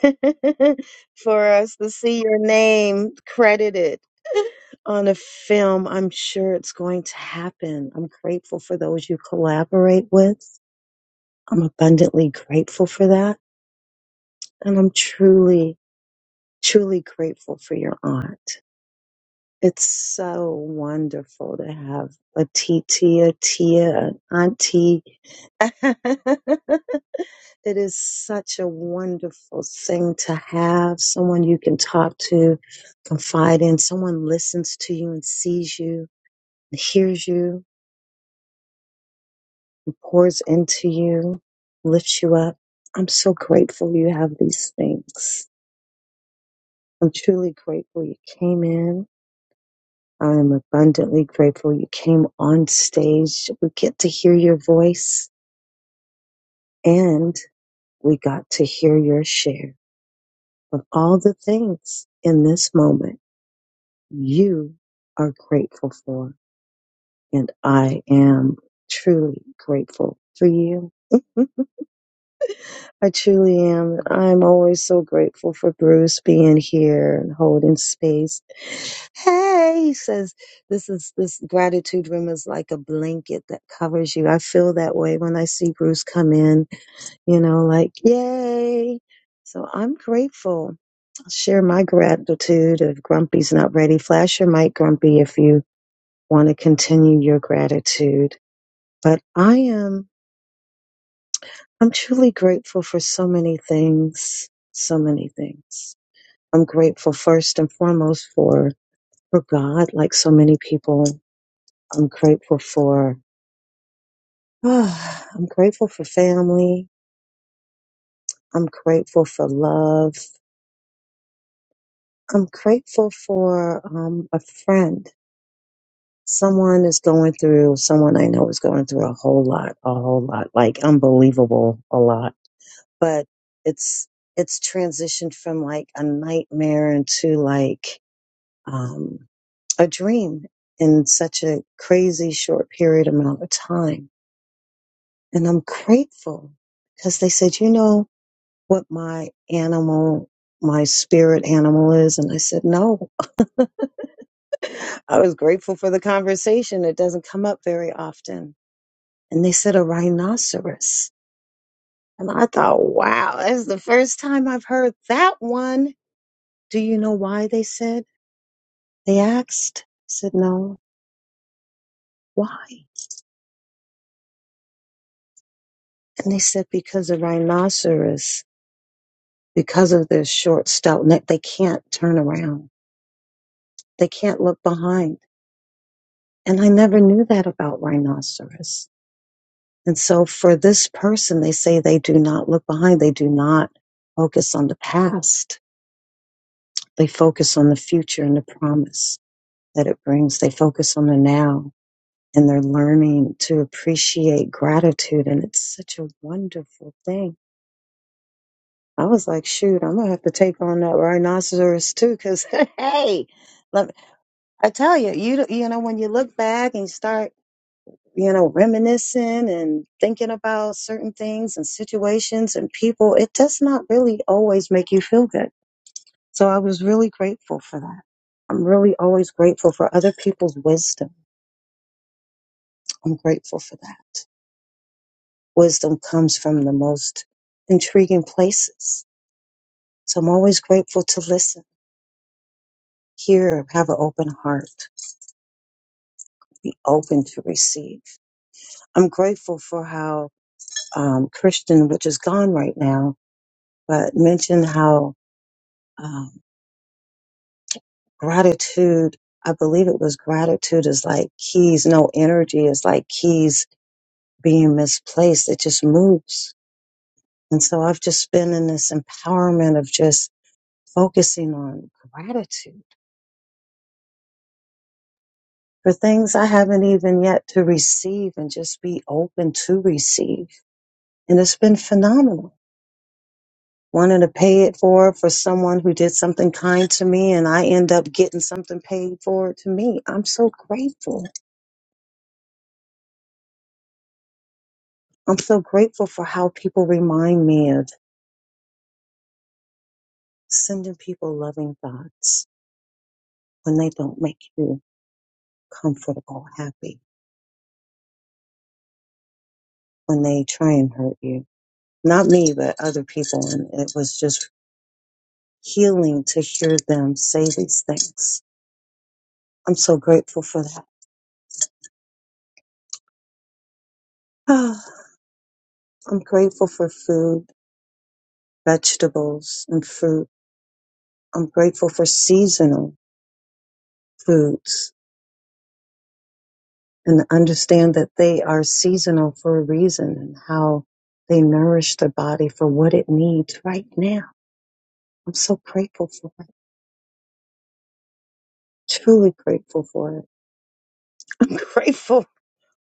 for us to see your name credited on a film. I'm sure it's going to happen. I'm grateful for those you collaborate with. I'm abundantly grateful for that. And I'm truly truly grateful for your aunt. It's so wonderful to have a TT, a Tia, an auntie. it is such a wonderful thing to have someone you can talk to, confide in, someone listens to you and sees you, and hears you, and pours into you, lifts you up. I'm so grateful you have these things. I'm truly grateful you came in. I am abundantly grateful you came on stage. We get to hear your voice and we got to hear your share of all the things in this moment you are grateful for. And I am truly grateful for you. I truly am. I'm always so grateful for Bruce being here and holding space. Hey, he says this is this gratitude room is like a blanket that covers you. I feel that way when I see Bruce come in, you know, like yay. So I'm grateful. I'll share my gratitude if Grumpy's not ready. Flash your mic, Grumpy, if you want to continue your gratitude. But I am I'm truly grateful for so many things, so many things. I'm grateful first and foremost for for God, like so many people. I'm grateful for ah, I'm grateful for family. I'm grateful for love. I'm grateful for um, a friend. Someone is going through, someone I know is going through a whole lot, a whole lot, like unbelievable a lot. But it's it's transitioned from like a nightmare into like um, a dream in such a crazy short period amount of time. And I'm grateful because they said, you know what my animal, my spirit animal is? And I said, no, I was grateful for the conversation. It doesn't come up very often. And they said a rhinoceros. And I thought, wow, that's the first time I've heard that one. Do you know why they said? They asked. I said, no. Why? And they said because the rhinoceros, because of their short, stout neck, they can't turn around. They can't look behind. And I never knew that about rhinoceros. And so for this person, they say they do not look behind. They do not focus on the past. They focus on the future and the promise that it brings. They focus on the now and they're learning to appreciate gratitude. And it's such a wonderful thing I was like, shoot, I'm gonna have to take on that rhinoceros too, because hey, let I tell you, you don't- you know, when you look back and start, you know, reminiscing and thinking about certain things and situations and people, it does not really always make you feel good. So I was really grateful for that. I'm really always grateful for other people's wisdom. I'm grateful for that. Wisdom comes from the most intriguing places. So I'm always grateful to listen, hear, have an open heart. be open to receive. I'm grateful for how um, Christian, which is gone right now, but mentioned how um, gratitude, I believe it was gratitude is like keys, no energy is like keys being misplaced. It just moves. And so I've just been in this empowerment of just focusing on gratitude for things I haven't even yet to receive and just be open to receive. And it's been phenomenal wanting to pay it for for someone who did something kind to me and I end up getting something paid for to me. I'm so grateful. I'm so grateful for how people remind me of sending people loving thoughts when they don't make you comfortable, happy, when they try and hurt you. Not me, but other people. And it was just healing to hear them say these things. I'm so grateful for that. I'm grateful for food, vegetables, and fruit. I'm grateful for seasonal foods and understand that they are seasonal for a reason and how they nourish the body for what it needs right now. I'm so grateful for it. Truly grateful for it. I'm grateful.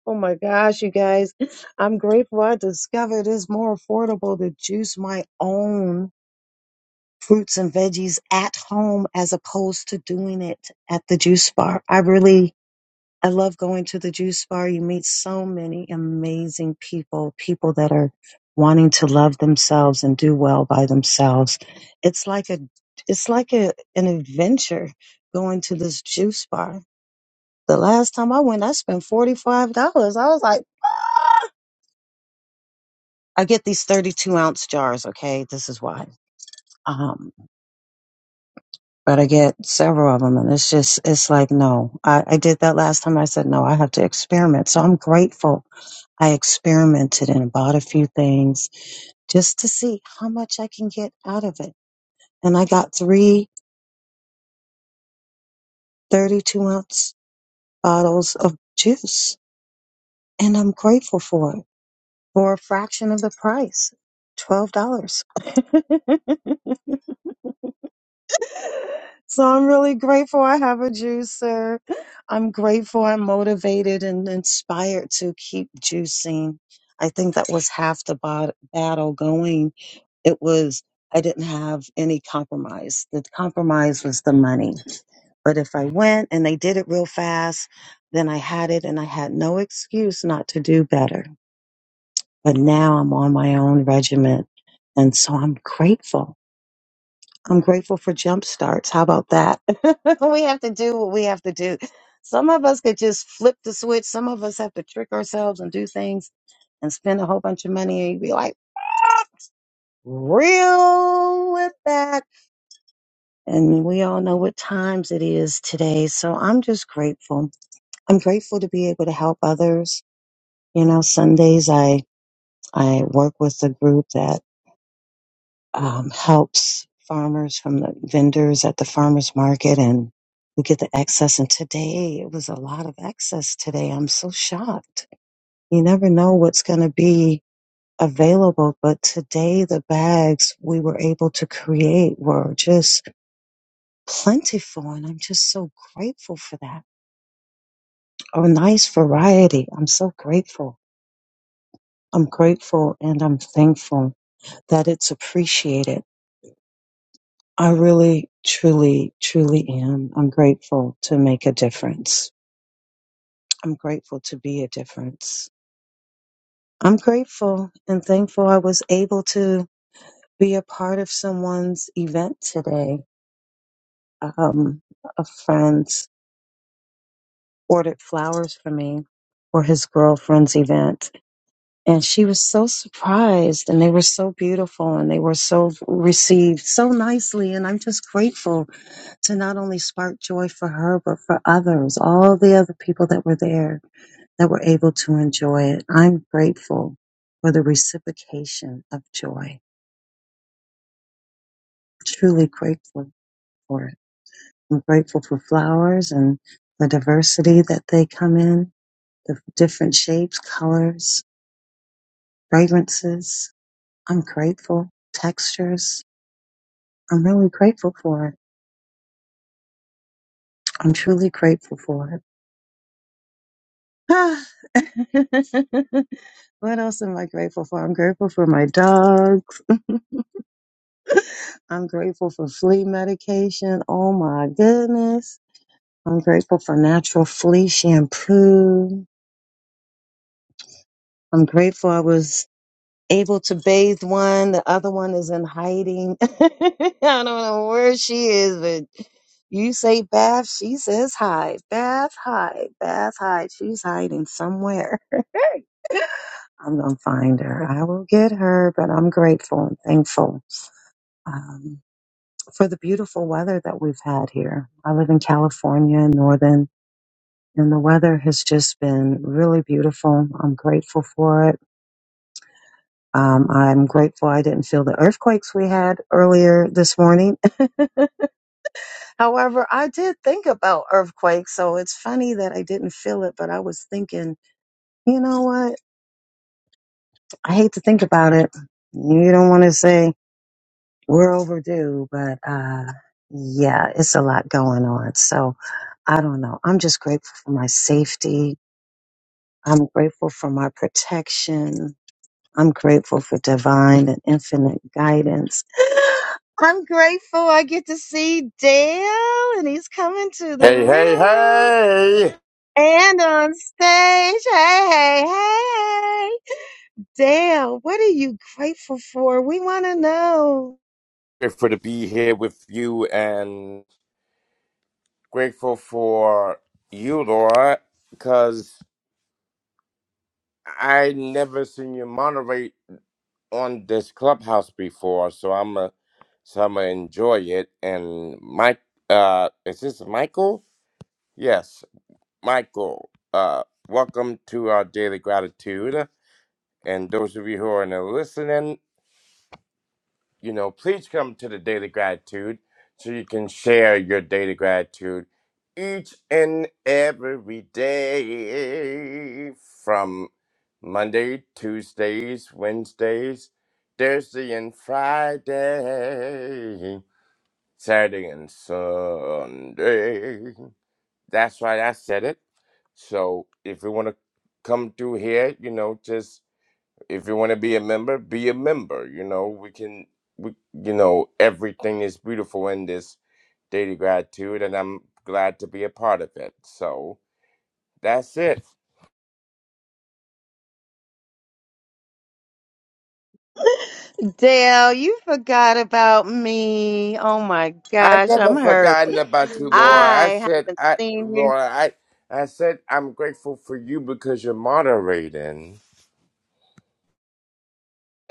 Oh my gosh, you guys. I'm grateful I discovered it's more affordable to juice my own fruits and veggies at home as opposed to doing it at the juice bar. I really I love going to the juice bar. You meet so many amazing people, people that are wanting to love themselves and do well by themselves. It's like a it's like a an adventure going to this juice bar. The last time I went, I spent $45. I was like, "Ah!" I get these 32 ounce jars. Okay. This is why. Um, but I get several of them and it's just, it's like, no, I, I did that last time. I said, no, I have to experiment. So I'm grateful I experimented and bought a few things just to see how much I can get out of it. And I got three thirty-two ounce bottles of juice and I'm grateful for it for a fraction of the price, $12. so I'm really grateful I have a juicer. I'm grateful I'm motivated and inspired to keep juicing. I think that was half the bot- battle going It was, I didn't have any compromise. The compromise was the money. But if I went and they did it real fast, then I had it and I had no excuse not to do better. But now I'm on my own regiment. And so I'm grateful. I'm grateful for jump starts. How about that? we have to do what we have to do. Some of us could just flip the switch. Some of us have to trick ourselves and do things and spend a whole bunch of money and you'd be like, real with that And we all know what times it is today. So I'm just grateful. I'm grateful to be able to help others. You know, Sundays I, I work with a group that um, helps farmers from the vendors at the farmers market and we get the excess. And today it was a lot of excess today. I'm so shocked. You never know what's going to be available. But today the bags we were able to create were just plentiful. And I'm just so grateful for that a nice variety. I'm so grateful. I'm grateful and I'm thankful that it's appreciated. I really, truly, truly am. I'm grateful to make a difference. I'm grateful to be a difference. I'm grateful and thankful I was able to be a part of someone's event today. Um, a friend ordered flowers for me for his girlfriend's event And she was so surprised, and they were so beautiful, and they were so received so nicely. And I'm just grateful to not only spark joy for her, but for others, all the other people that were there that were able to enjoy it. I'm grateful for the reciprocation of joy, truly grateful for it. I'm grateful for flowers and the diversity that they come in, the different shapes, colors, fragrances. I'm grateful, textures. I'm really grateful for it. I'm truly grateful for it. Ah. what else am I grateful for? I'm grateful for my dogs. I'm grateful for flea medication. Oh my goodness. I'm grateful for natural flea shampoo. I'm grateful I was able to bathe one. The other one is in hiding. I don't know where she is, but you say bath, she says hide. Bath, hide. Bath, hide. She's hiding somewhere. I'm going to find her. I will get her, but I'm grateful and thankful um, for the beautiful weather that we've had here. I live in California, northern, and the weather has just been really beautiful. I'm grateful for it. Um, I'm grateful I didn't feel the earthquakes we had earlier this morning. However, I did think about earthquakes, so it's funny that I didn't feel it, but I was thinking, you know what? I hate to think about it. You don't want to say we're overdue, but uh, yeah, it's a lot going on. So I don't know. I'm just grateful for my safety. I'm grateful for my protection. I'm grateful for divine and infinite guidance. I'm grateful I get to see Dale and he's coming to the
Hey, hey,
room
hey!
and on stage. Hey, hey, hey, hey. Dale, what are you grateful for? We want to know.
Grateful to be here with you and grateful for you, Laura, because I never seen you moderate on this clubhouse before, so I'm a, so I'm gonna enjoy it. And Mike, uh, is this Michael? Yes, Michael. Uh, welcome to our daily gratitude, and those of you who are in the listening. you know, please come to the Daily Gratitude so you can share your daily gratitude each and every day from Monday, Tuesdays, Wednesdays, Thursday, and Friday, Saturday, and Sunday. That's right, I said it. So if you want to come through here, you know, just if you want to be a member, be a member. You know, we can, we, you know, everything is beautiful in this daily gratitude, and I'm glad to be a part of it. So that's it.
Dale, you forgot about me. Oh my
I
gosh,
never
I'm hurt.
forgotten about you, Laura. I
I
said,
haven't
I,
seen you.
Laura, I, I said I'm grateful for you because you're moderating.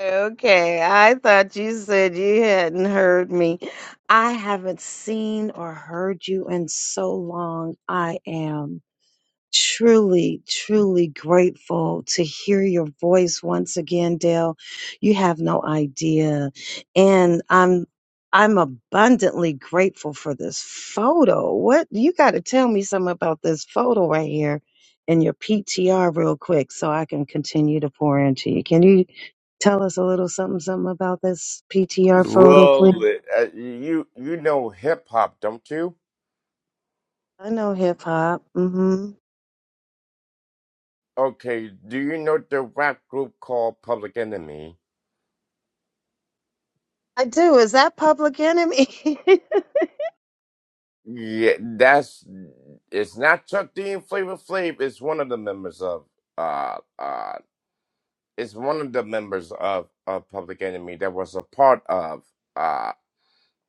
Okay, I thought you said you hadn't heard me. I haven't seen or heard you in so long. I am truly, truly grateful to hear your voice once again, Dale. You have no idea. And I'm I'm abundantly grateful for this photo. What you gotta tell me something about this photo right here in your PTR real quick so I can continue to pour into you. Can you tell us a little something something about this PTR photo,
Well,
please?
uh, you, you know hip hop, don't you?
I know hip hop. hmm
Okay. Do you know the rap group called Public Enemy?
I do. Is that public enemy?
Yeah, that's it's not Chuck D and Flavor Flav. It's one of the members of uh uh. It's one of the members of of Public Enemy that was a part of uh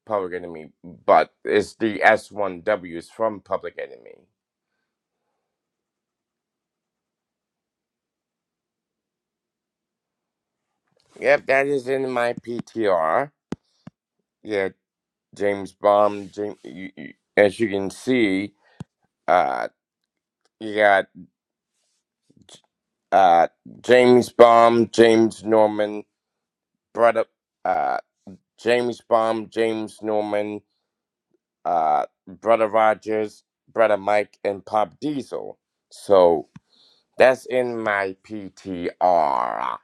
Public Enemy, but it's the S one W's from Public Enemy. Yep, that is in my PTR. Yeah, James Bond. James, you, you, as you can see, uh, you got uh James Bond, James Norman, brother. James Baum, James Norman, uh, Brother Rogers, Brother Mike, and Pop Diesel. So that's in my PTR.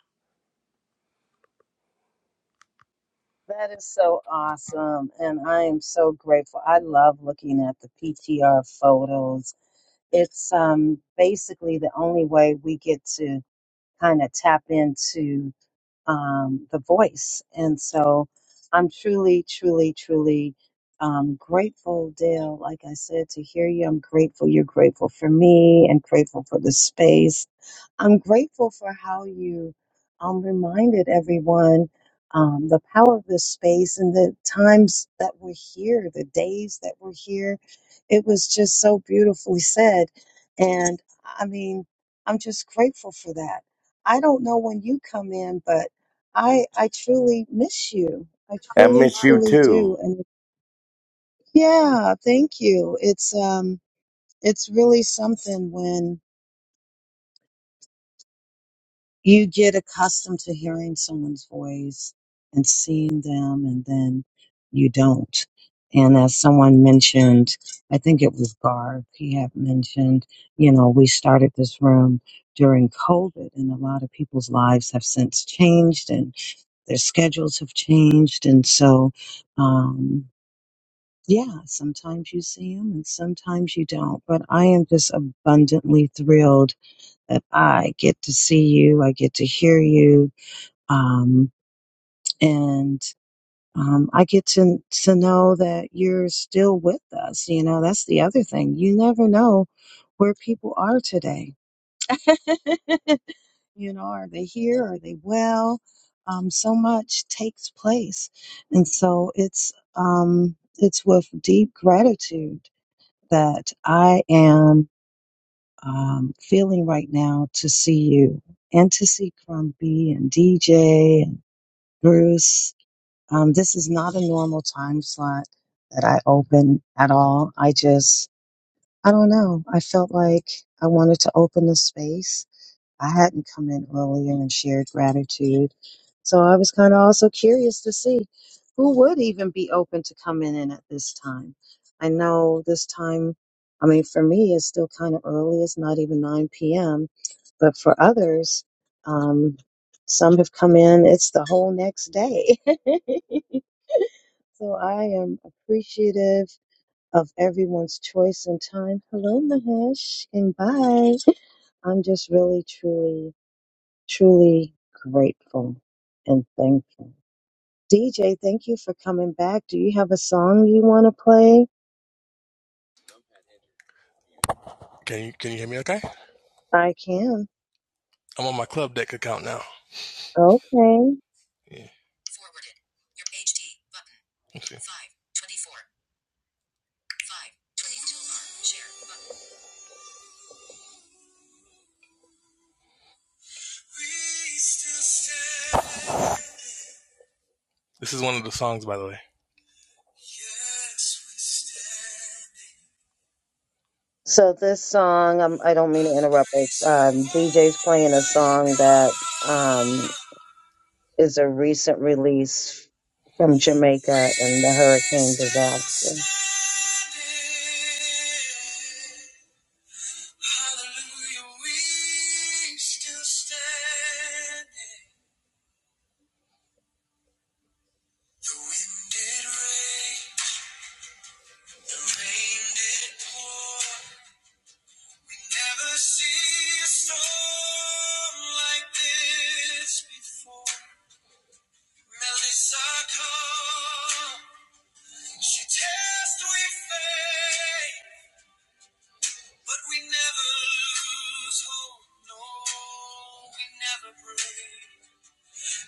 That is so awesome. And I am so grateful. I love looking at the PTR photos. It's um, basically the only way we get to kind of tap into um, the voice. And so I'm truly, truly, truly um, grateful, Dale. Like I said, to hear you, I'm grateful. You're grateful for me and grateful for the space. I'm grateful for how you um, reminded everyone um, the power of this space and the times that we're here, the days that we're here. It was just so beautifully said. And I mean, I'm just grateful for that. I don't know when you come in, but I I truly miss you. I
I
truly,
miss you
truly do.
too.
And yeah, thank you. It's um it's really something when you get accustomed to hearing someone's voice and seeing them and then you don't. And as someone mentioned, I think it was Garth, he had mentioned, you know, we started this room during COVID and a lot of people's lives have since changed and their schedules have changed. And so, um, yeah, sometimes you see them and sometimes you don't. But I am just abundantly thrilled that I get to see you, I get to hear you, um, and um, I get to to know that you're still with us. You know, that's the other thing. You never know where people are today. you know, are they here? Are they well? Um, so much takes place, and so it's um, it's with deep gratitude that I am um, feeling right now to see you and to see Crumpy and DJ and Bruce. Um, this is not a normal time slot that I open at all. I just, I don't know. I felt like I wanted to open the space I hadn't come in earlier and shared gratitude. So I was kind of also curious to see who would even be open to coming in at this time. I know this time, I mean, for me, it's still kind of early. It's not even 9 p.m. But for others, um, some have come in, it's the whole next day. so I am appreciative of everyone's choice and time. Hello, Mahesh, and bye. I'm just really, truly Truly grateful and thankful. DJ, thank you for coming back. Do you have a song you want to play?
Can you can you hear me? Okay,
I can.
I'm on my Club Deck account now.
Okay.
Yeah. Forwarded. Your H D button. Let's see. Five twenty four. Five twenty two R share button. This is one of the songs, by the way. Yes, we stand
So this song, um, I don't mean
by
to
the
interrupt.
grace
But,
of
um, DJ's playing a
Almighty
song
God.
that um, is a recent release from
we
Jamaica and the hurricane
still
disaster.
standing. Hallelujah, we still stand. The wind did rain, the rain did pour. We never see a storm like this before. Melissa come, she tests we faith, but we never lose hope. No, we never break.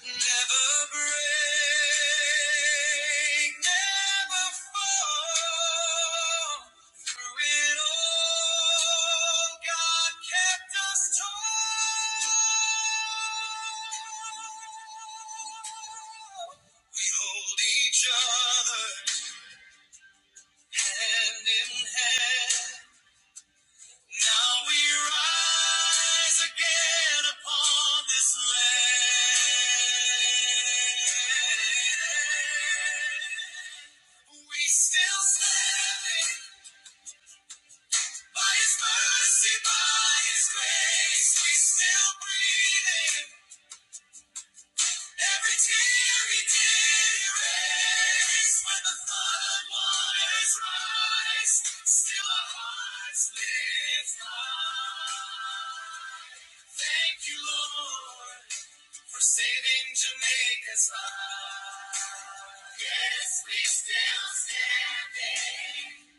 Never break, never fall. Through it all, God kept us tall. We hold each other hand in hand. Now we rise again upon this land. We still standing by His mercy, by His grace. We still breathing. Every tear He did erase. When the flood waters rise, still our hearts lift high. Thank you, Lord, for saving Jamaica's life. Yes, we still standing.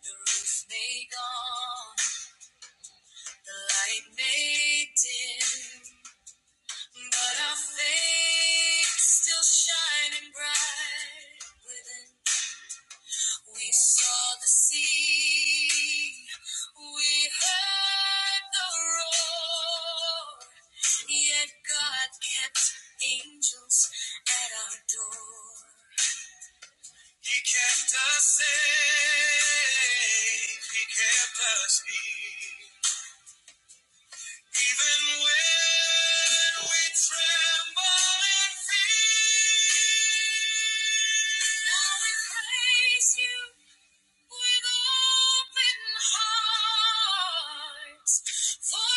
The roof may gone, the light may dim, but our faith still shining bright. within. We saw the sea, we heard the roar, yet God kept angels at our door. He kept us safe, He kept us near. Even when we tremble in fear. Now we praise you. With open hearts, for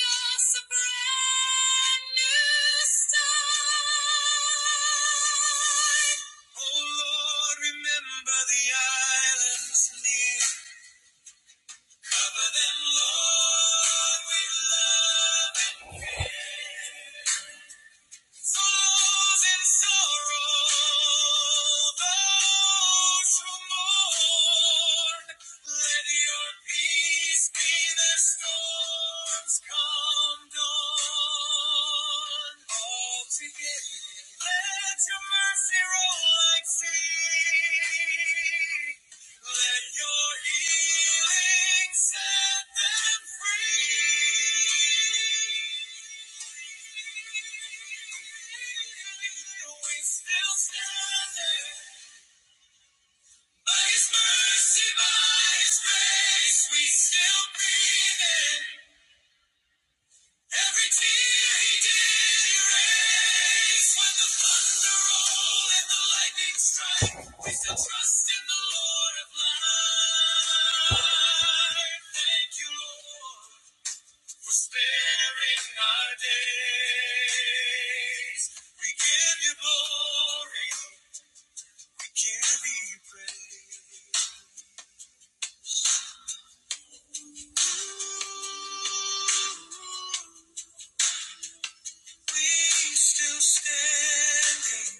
us a brand new start. Oh Lord, remember the islands near. Cover them, Lord, with love and care. Sorrows and sorrow, those who mourn, let your peace be the storm's calm dawn. All together, let your mercy roll like sea. Let your healing set them free. We still standing. By His mercy, by His grace, we still breathing. Every tear he did erase when the thunder rolled and the lightning strike. We still trust in the Lord of light. Thank you, Lord, for sparing our days. We give you glory. We give you praise. Ooh, We still standing.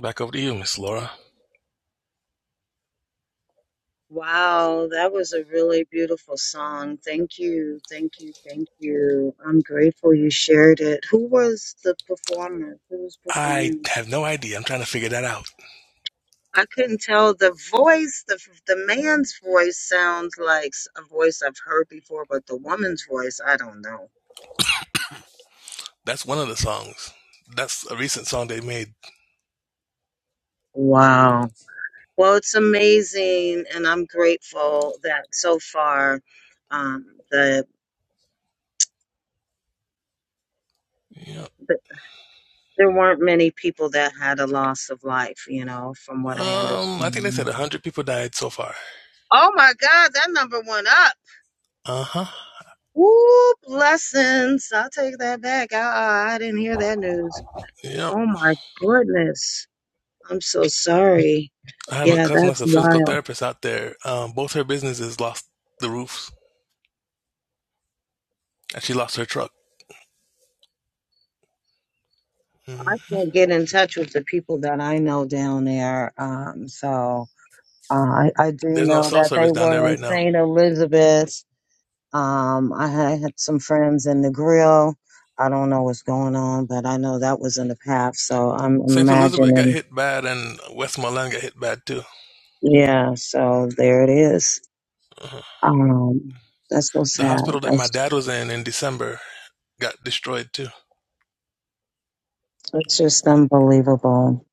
Back over to you, Miss Laura.
Wow, that was a really beautiful song. Thank you, thank you, thank you. I'm grateful you shared it. Who was the performer? Who was
I
performing?
have no idea. I'm trying to figure that out.
I couldn't tell the voice. The the man's voice sounds like a voice I've heard before, but the woman's voice, I don't know.
That's one of the songs. That's a recent song they made.
Wow. Well, it's amazing, and I'm grateful that so far, um, the,
Yep.
the there weren't many people that had a loss of life. You know, from what I
Um, I think they
understand.
said 100 people died so far.
Oh my God, that number went up.
Uh huh.
Woo, blessings. I'll take that back. I, I didn't hear that news.
Yep.
Oh my goodness. I'm so sorry.
I have a
Yeah,
cousin that's
that's
a physical
wild.
therapist out there. Um, both her businesses lost the roofs, and she lost her truck.
I
hmm
can't get in touch with the people that I know down there. Um, so uh, I, I do
There's no
know
cell
that they
service down there
were in
right now.
St. Elizabeth. Um, I had some friends in the grill. I don't know what's going on, but I know that was in the path. So I'm
St. Elizabeth
imagining.
got hit bad, and Westmoreland got hit bad too.
Yeah, so there it is.
Uh-huh.
Um, that's so
The
sad.
hospital that my
That's
dad was in in December got destroyed too.
it's just unbelievable.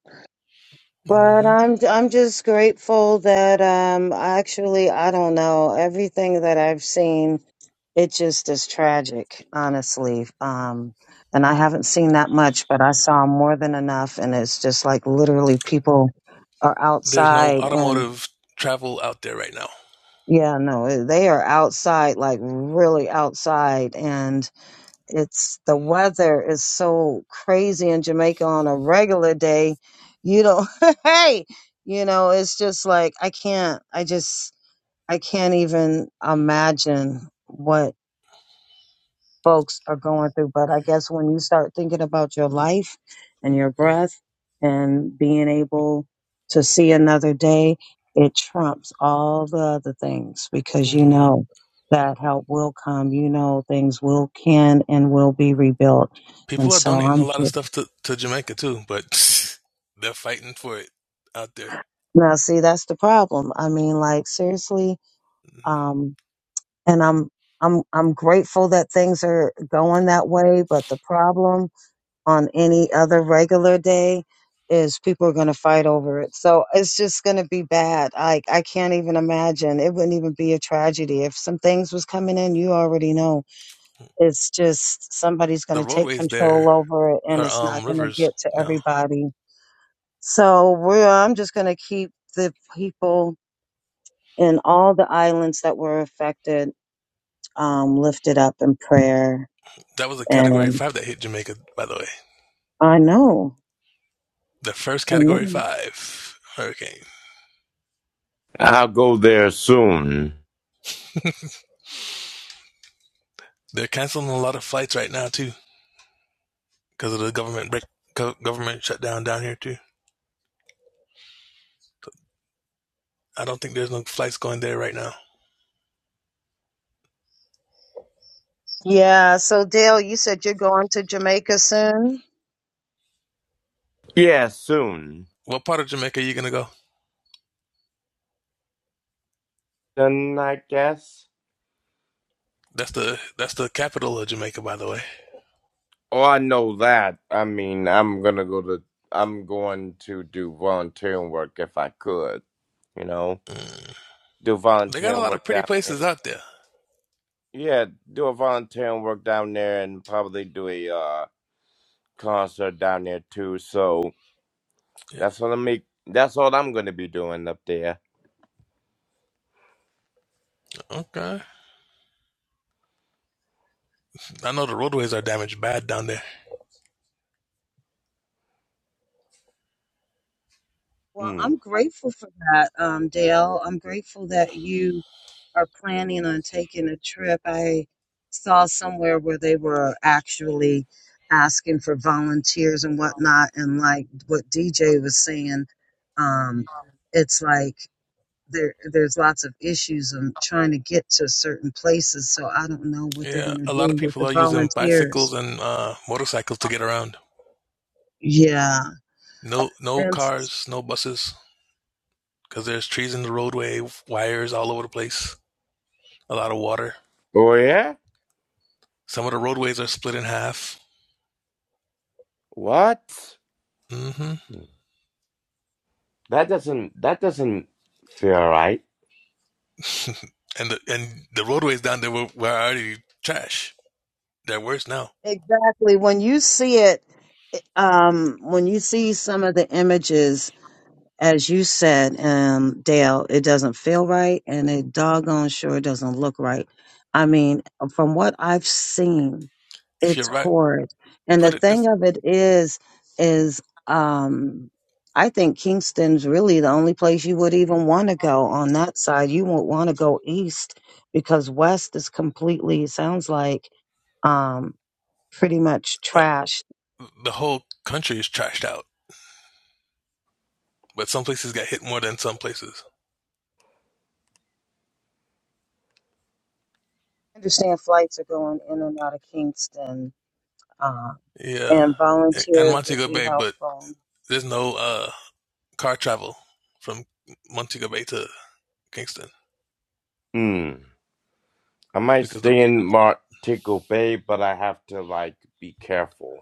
But
hmm
I'm I'm just grateful that um actually I don't know everything that I've seen. It just is tragic, honestly. Um, and I haven't seen that much, but I saw more than enough, and it's just like literally people are
There's no
outside and
automotive travel out there right now.
yeah, no, they are outside, like really outside, and it's the weather is so crazy in Jamaica on a regular day. You don't, hey, you know, it's just like I can't, I just, I can't even imagine what folks are going through. But I guess when you start thinking about your life and your
Mm.
breath and being able to see another day, it trumps all the other things because you
Yeah.
know that help will come. You know things will can and will be rebuilt. And
People are
so
donating a
I'm
lot of
just
stuff to, to Jamaica too, but they're fighting for it out there.
now see that's the problem. I mean like seriously,
Mhm.
um and I'm I'm I'm grateful that things are going that way, but the problem on any other regular day is people are going to fight over it. So it's just going to be bad. Like I can't even imagine. It wouldn't even be a tragedy if some things was coming in. You already know it's just somebody's going
The
to take
roadways
control
there
over it, and
are
it's not
um
going to
rivers
get to
now.
everybody. So we're. I'm just going to keep the people in all the islands that were affected um, lifted up in prayer.
That was a Category
And
Five that hit Jamaica, by the way.
I know.
The first Category Five hurricane.
I'll go there soon.
They're canceling a lot of flights right now too because of the government break, go- government shutdown down here too. I don't think there's no flights going there right now.
Yeah. So, Dale, you said you're going to Jamaica soon?
Yeah, soon.
What part of Jamaica are you gonna go?
Then I guess.
That's the that's the capital of Jamaica, by the way.
Oh, I know that. I mean, I'm gonna go to. I'm going to do volunteering work if I could. You know,
Mm.
do
They got a
volunteering
lot
work
of pretty
down
places out there.
Yeah, do a volunteering work down there and probably do a uh, concert down there too. So
Yeah.
that's what I'm make. That's all I'm gonna be doing up there.
Okay. I know the roadways are damaged bad down there.
Well,
Mm.
I'm grateful for that, um, Dale. I'm grateful that you are planning on taking a trip. I saw somewhere where they were actually asking for volunteers and whatnot, and like what DJ was saying, um, it's like there there's lots of issues on trying to get to certain places, so I don't know what they're
Yeah,
gonna
a lot of
do with
people
the
are using
volunteers.
bicycles and uh, motorcycles to get around.
Yeah.
No, no
And
cars, no buses, because there's trees in the roadway, wires all over the place, a lot of water.
Oh yeah?
Some of the roadways are split in half.
What?
mm hmm
Mm. That doesn't. That doesn't feel right.
and the and the roadways down there were, were already trash. They're worse now.
Exactly. When you see it, it- um, when you see some of the images, as you said, um, Dale, it doesn't feel right and it doggone sure doesn't look right. I mean, from what I've seen,
If
it's
you're right,
horrid. And the
put it
thing
this:
of it is, is, um, I think Kingston's really the only place you would even want to go on that side. You won't want to go east because west is completely, sounds like, um, pretty much
uh,
trashed.
the whole country is trashed out, but some places got hit more than some places.
I understand flights are going in and out of Kingston, uh,
Yeah,
and
and
volunteers would
Montego
be
Bay, but
helpful.
There's no uh, car travel from Montego Bay to Kingston
Mm. I might
because the
stay in Montego Bay, but I have to like be careful.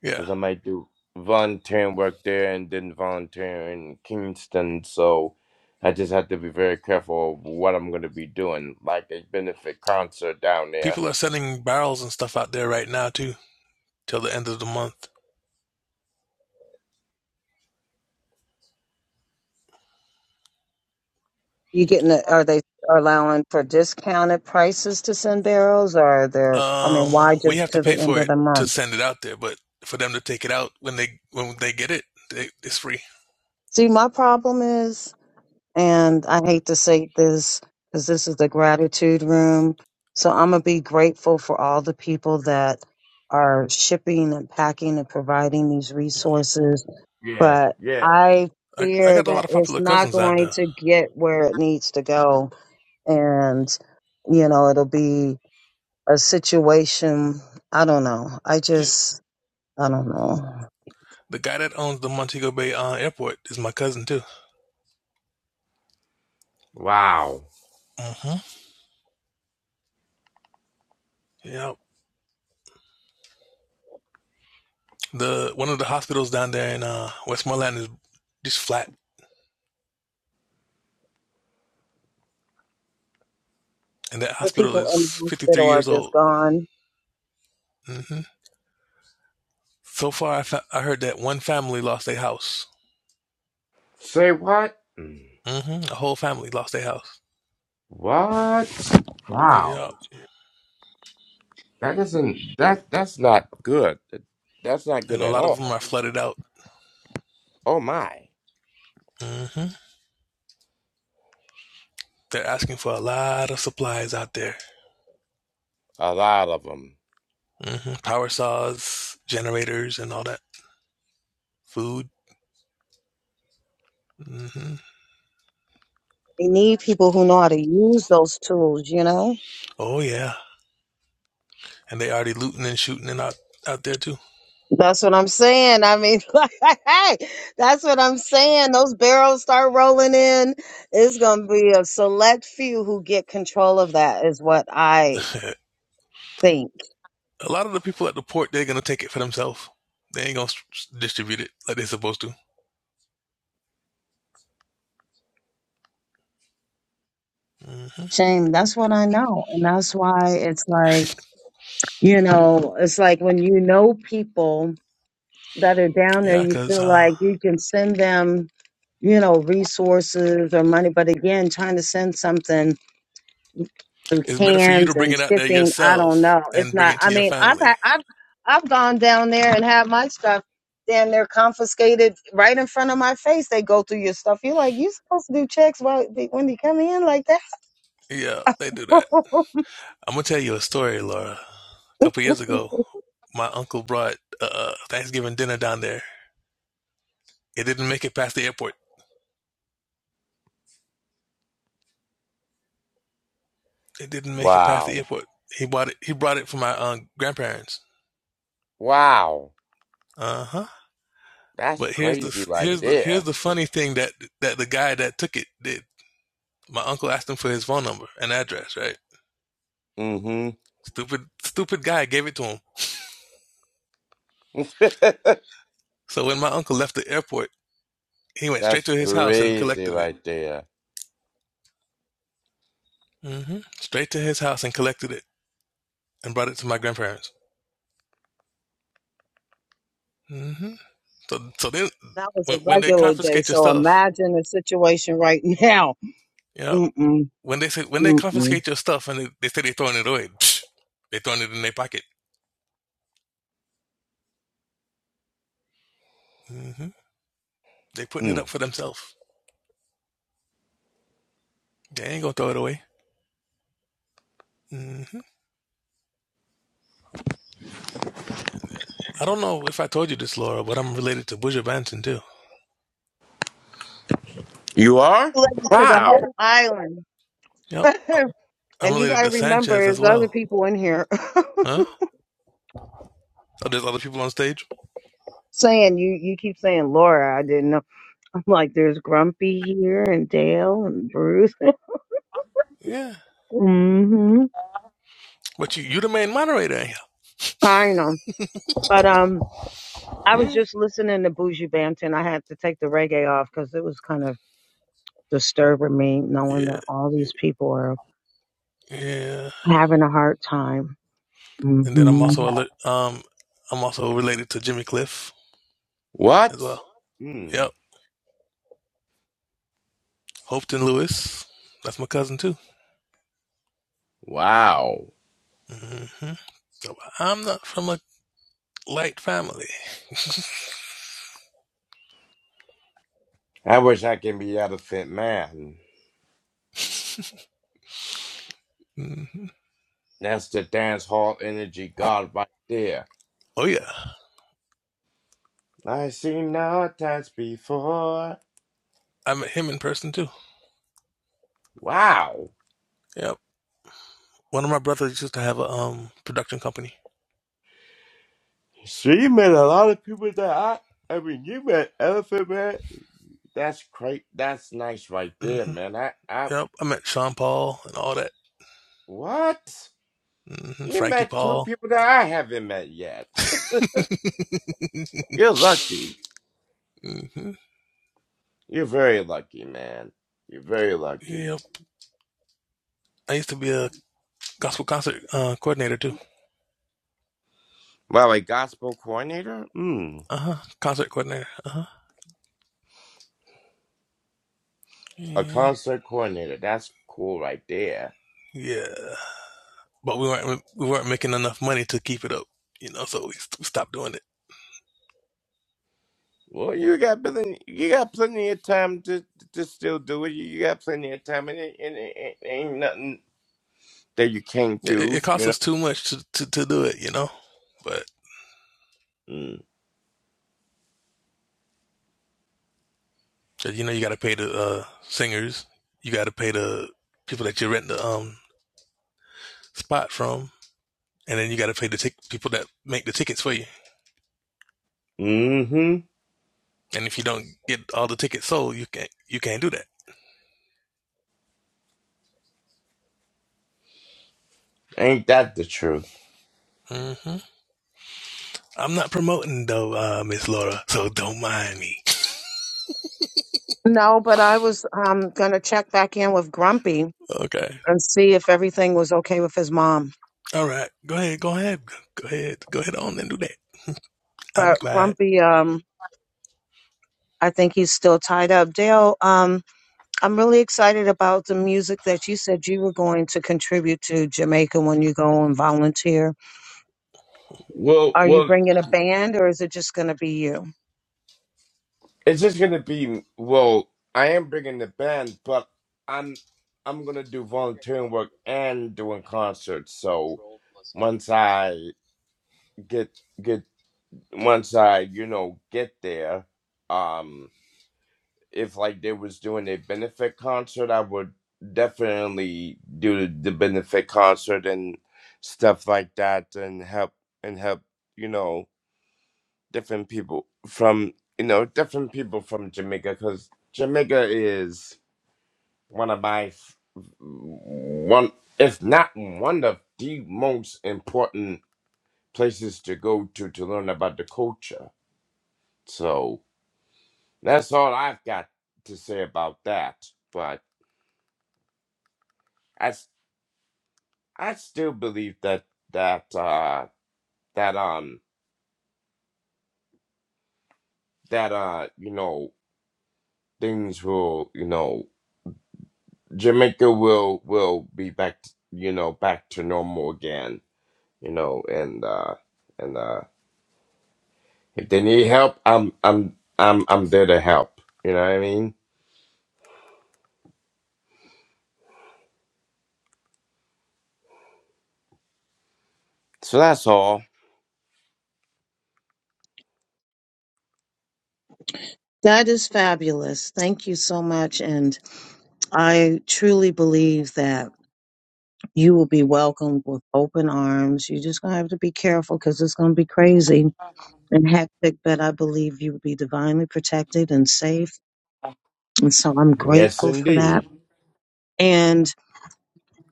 yeah
because I might do volunteering work there and then volunteer in Kingston. So I just have to be very careful of what I'm going to be doing, like a benefit concert down there.
people are sending barrels and stuff out there right now too till the end of the month.
You getting? A, are they allowing for discounted prices to send barrels, or are there? I mean,
Um,
why
we
just
have to
to the
pay
end
for
of
it
the
to
month?
send it out there, but for them to take it out when they when they get it, they, it's free.
See, my problem is, and I hate to say this because this is the gratitude room, so I'm gonna be grateful for all the people that are shipping and packing and providing these resources
Yeah,
but
yeah.
I
I I
fear
got a lot
that
of
it's
popular
not
cousins out
going
there.
to get where it needs to go. And, you know, it'll be a situation. I don't know. I
Yeah.
just, I don't know.
The guy that owns the Montego Bay uh, airport is my cousin too.
Wow.
hmm Yeah. The one of the hospitals down there in uh, Westmoreland is just flat, and that
The
hospital
people
is
in the
53
hospital are
years
just
old.
gone.
hmm So far, I, fa- I heard that one family lost their house.
Say what? Mm.
hmm A whole family lost their house.
What? Wow.
Yeah,
That isn't that. That's not good. That's not
and
good
a
at
lot of them
all.
are flooded out.
Oh my.
hmm They're asking for a lot of supplies out there.
A lot of them.
hmm Power saws, generators, and all that. Food. hmm
They need people who know how to use those tools, you know?
Oh yeah, and they already looting and shooting and out out there too.
That's what I'm saying. I mean, like, hey, that's what I'm saying. Those barrels start rolling in. It's going to be a select few who get control of that, is what I think
a lot of the people at the port they're gonna take it for themselves. They ain't gonna distribute it like they're supposed to. hmm
Shame. That's what I know. And that's why it's like, you know, it's like when you know people that are down there,
yeah,
you
because
feel
uh,
like you can send them, you know, resources or money. But again, trying to send something through
it's better for you to
cans
bring
and
it out there
shipping, I don't
yourself
know. It's
and bring
not,
it
I
to your
mean, I've,
family.
had, I've, I've gone down there and had my stuff damn near confiscated right in front of my face. They go through your stuff. You're like, you supposed to do checks while, when you come in like that?
Yeah, they do that. I'm gonna tell you a story, Laura. A couple years ago, my uncle brought uh, uh, Thanksgiving dinner down there. It didn't make it past the airport. It didn't make it past the
Wow.
airport. He bought it. He brought it for my uh, grandparents.
Wow.
Uh huh.
That's
But here's
crazy
the
right
here's the
there.
here's the funny thing that that the guy that took it did. My uncle asked him for his phone number and address, right? Stupid, stupid guy gave it to him.
Mm-hmm.
So when my uncle left the airport, he went straight
That's
to his house and
crazy
collected it.
right there.
hmm Straight to his house and collected it and brought it to my grandparents. hmm So, so then
That was a
when, when they
regular day,
confiscate your
so
stuff,
imagine the situation right now.
you know,
Mm-mm,
when they say when they
mm-mm.
confiscate your stuff and they, they say they're throwing it away, psh, they're throwing it in their pocket. hmm They're putting it up
Mm.
for themselves. They ain't gonna throw it away. hmm I don't know if I told you this, Laura, but I'm related to Buja Banton too.
You are?
Related to the
Wow.
Yep.
whole island.
you I'm
and you
related
got to
to Sanchez
remember,
as
there's other
well.
people in here
Huh? So there's other people on stage.
saying you. You keep saying Laura. I didn't know. I'm like, there's Grumpy here, and Dale, and Bruce.
Yeah,
mm-hmm.
but you you the main moderator. ain't
I know, but um, I was
you?
just listening to Bougie Banton. I had to take the reggae off because it was kind of disturbing me knowing
Yeah,
that all
yeah,
these people are
yeah.
having a hard time
And then I'm
hmm
also a, um I'm also related to Jimmy Cliff as
What?
well.
Mm.
Yep, Hopeton Lewis. That's my cousin too.
Wow.
hmm So I'm not from a light family.
I wish I can be out of Manhattan.
hmm
That's the dance hall energy god right there.
Oh yeah,
I seen no dance before.
I met him in person too.
Wow.
Yep. One of my brothers used to have a um production company.
So you met a lot of people that I I mean you met Elephant Man. That's great that's nice right there,
hmm
man. I I
Yep. I met Sean Paul and all that.
what?
hmm
You
Frankie
met two
Paul.
people that I haven't met yet. You're lucky.
hmm
You're very lucky, man. You're very lucky.
Yep. I used to be a gospel concert uh, coordinator too.
Wow, a gospel coordinator? Mm.
Uh huh. Concert coordinator. Uh huh.
A
Yeah.
concert coordinator. That's cool right there.
Yeah. But we weren't we weren't making enough money to keep it up, you know. So we stopped doing it.
Well, you got plenty. You got plenty of time to to still do it. You got plenty of time, and it, and it, it ain't nothing that you can't
Yeah, It,
do.
it
You
cost
know.
us too much to, to, to do it, you know. But
Mm.
you know, you got to pay the uh, singers. You got to pay the people that you rent the um spot from, and then you got to pay the tic- people that make the tickets for you.
Hmm. Mm-hmm.
And if you don't get all the tickets sold, you can't you can't do that.
Ain't that the truth?
hmm I'm not promoting though, uh, Miss Laura, so don't mind me.
No, but I was um gonna check back in with Grumpy
Okay.
and see if everything was okay with his mom.
All right. Go ahead. Go ahead. Go ahead. Go ahead on and do that. I'll be
But
quiet.
Grumpy, um, I think he's still tied up. Dale, um, I'm really excited about the music that you said you were going to contribute to Jamaica when you go and volunteer.
Well,
Are you
well.
bringing a band or is it just gonna be you?
It's just gonna be well. I am bringing the band, but I'm I'm gonna do volunteering work and doing concerts. So once I get get once I you know get there, um, if like they was doing a benefit concert, I would definitely do the, the benefit concert and stuff like that, and help and help you know different people from you know different people from Jamaica because Jamaica is one of my f- one if not one of the most important places to go to to learn about the culture. So that's all I've got to say about that. But I s- I still believe that that uh that um that uh you know things will you know Jamaica will will be back, you know, back to normal again, you know, and uh and uh if they need help, I'm I'm I'm I'm there to help. You know what I mean? So that's all.
That is fabulous. Thank you so much. And I truly believe that. you will be welcomed with open arms. You're just going to have to be careful because it's going to be crazy and hectic, but I believe you will be divinely protected and safe. And so I'm
Yes,
grateful for that.
indeed.
And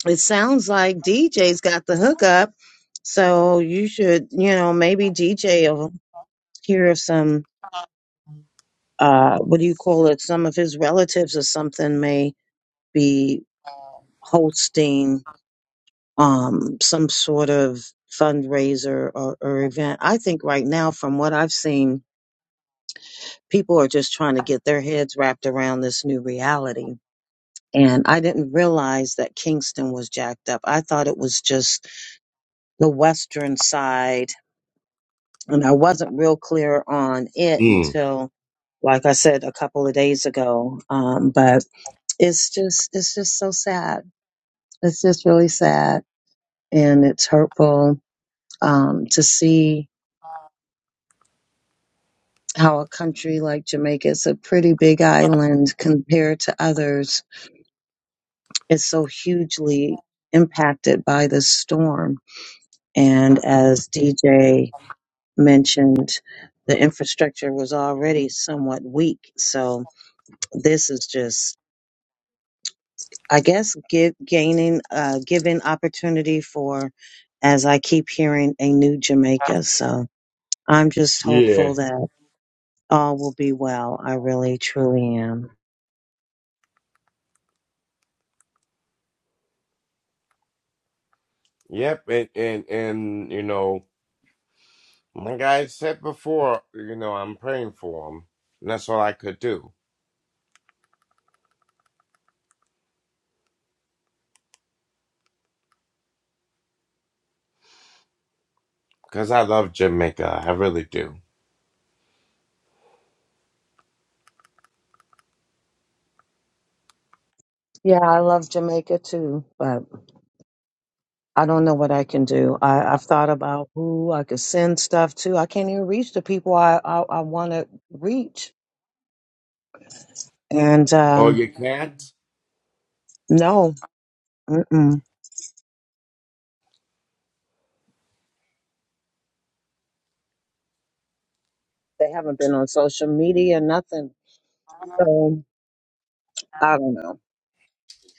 it sounds like DJ's got the hookup. So you should, you know, maybe DJ will hear of some, uh, what do you call it? Some of his relatives or something may be hosting um, some sort of fundraiser or, or event. I think right now, from what I've seen, people are just trying to get their heads wrapped around this new reality. And I didn't realize that Kingston was jacked up. I thought it was just the western side. And I wasn't real clear on it
Mm.
until, like I said, a couple of days ago. Um, but it's just, it's just so sad. It's just really sad. And it's hurtful um, to see how a country like Jamaica is a pretty big island compared to others is so hugely impacted by the storm. And as DJ mentioned, the infrastructure was already somewhat weak. So this is just, I guess, give, gaining, uh, giving opportunity for, as I keep hearing, a new Jamaica. So I'm just
Yeah.
hopeful that all will be well. I really, truly am.
Yep. And and and you know, like I said before, you know, I'm praying for them. And that's all I could do because I love Jamaica. I really do.
Yeah, I love Jamaica too, but I don't know what I can do. I, I've thought about who I could send stuff to. I can't even reach the people I, I, I want to reach. And
Oh,
um,
you can't?
no, mm-mm. they haven't been on social media, nothing. So I don't know.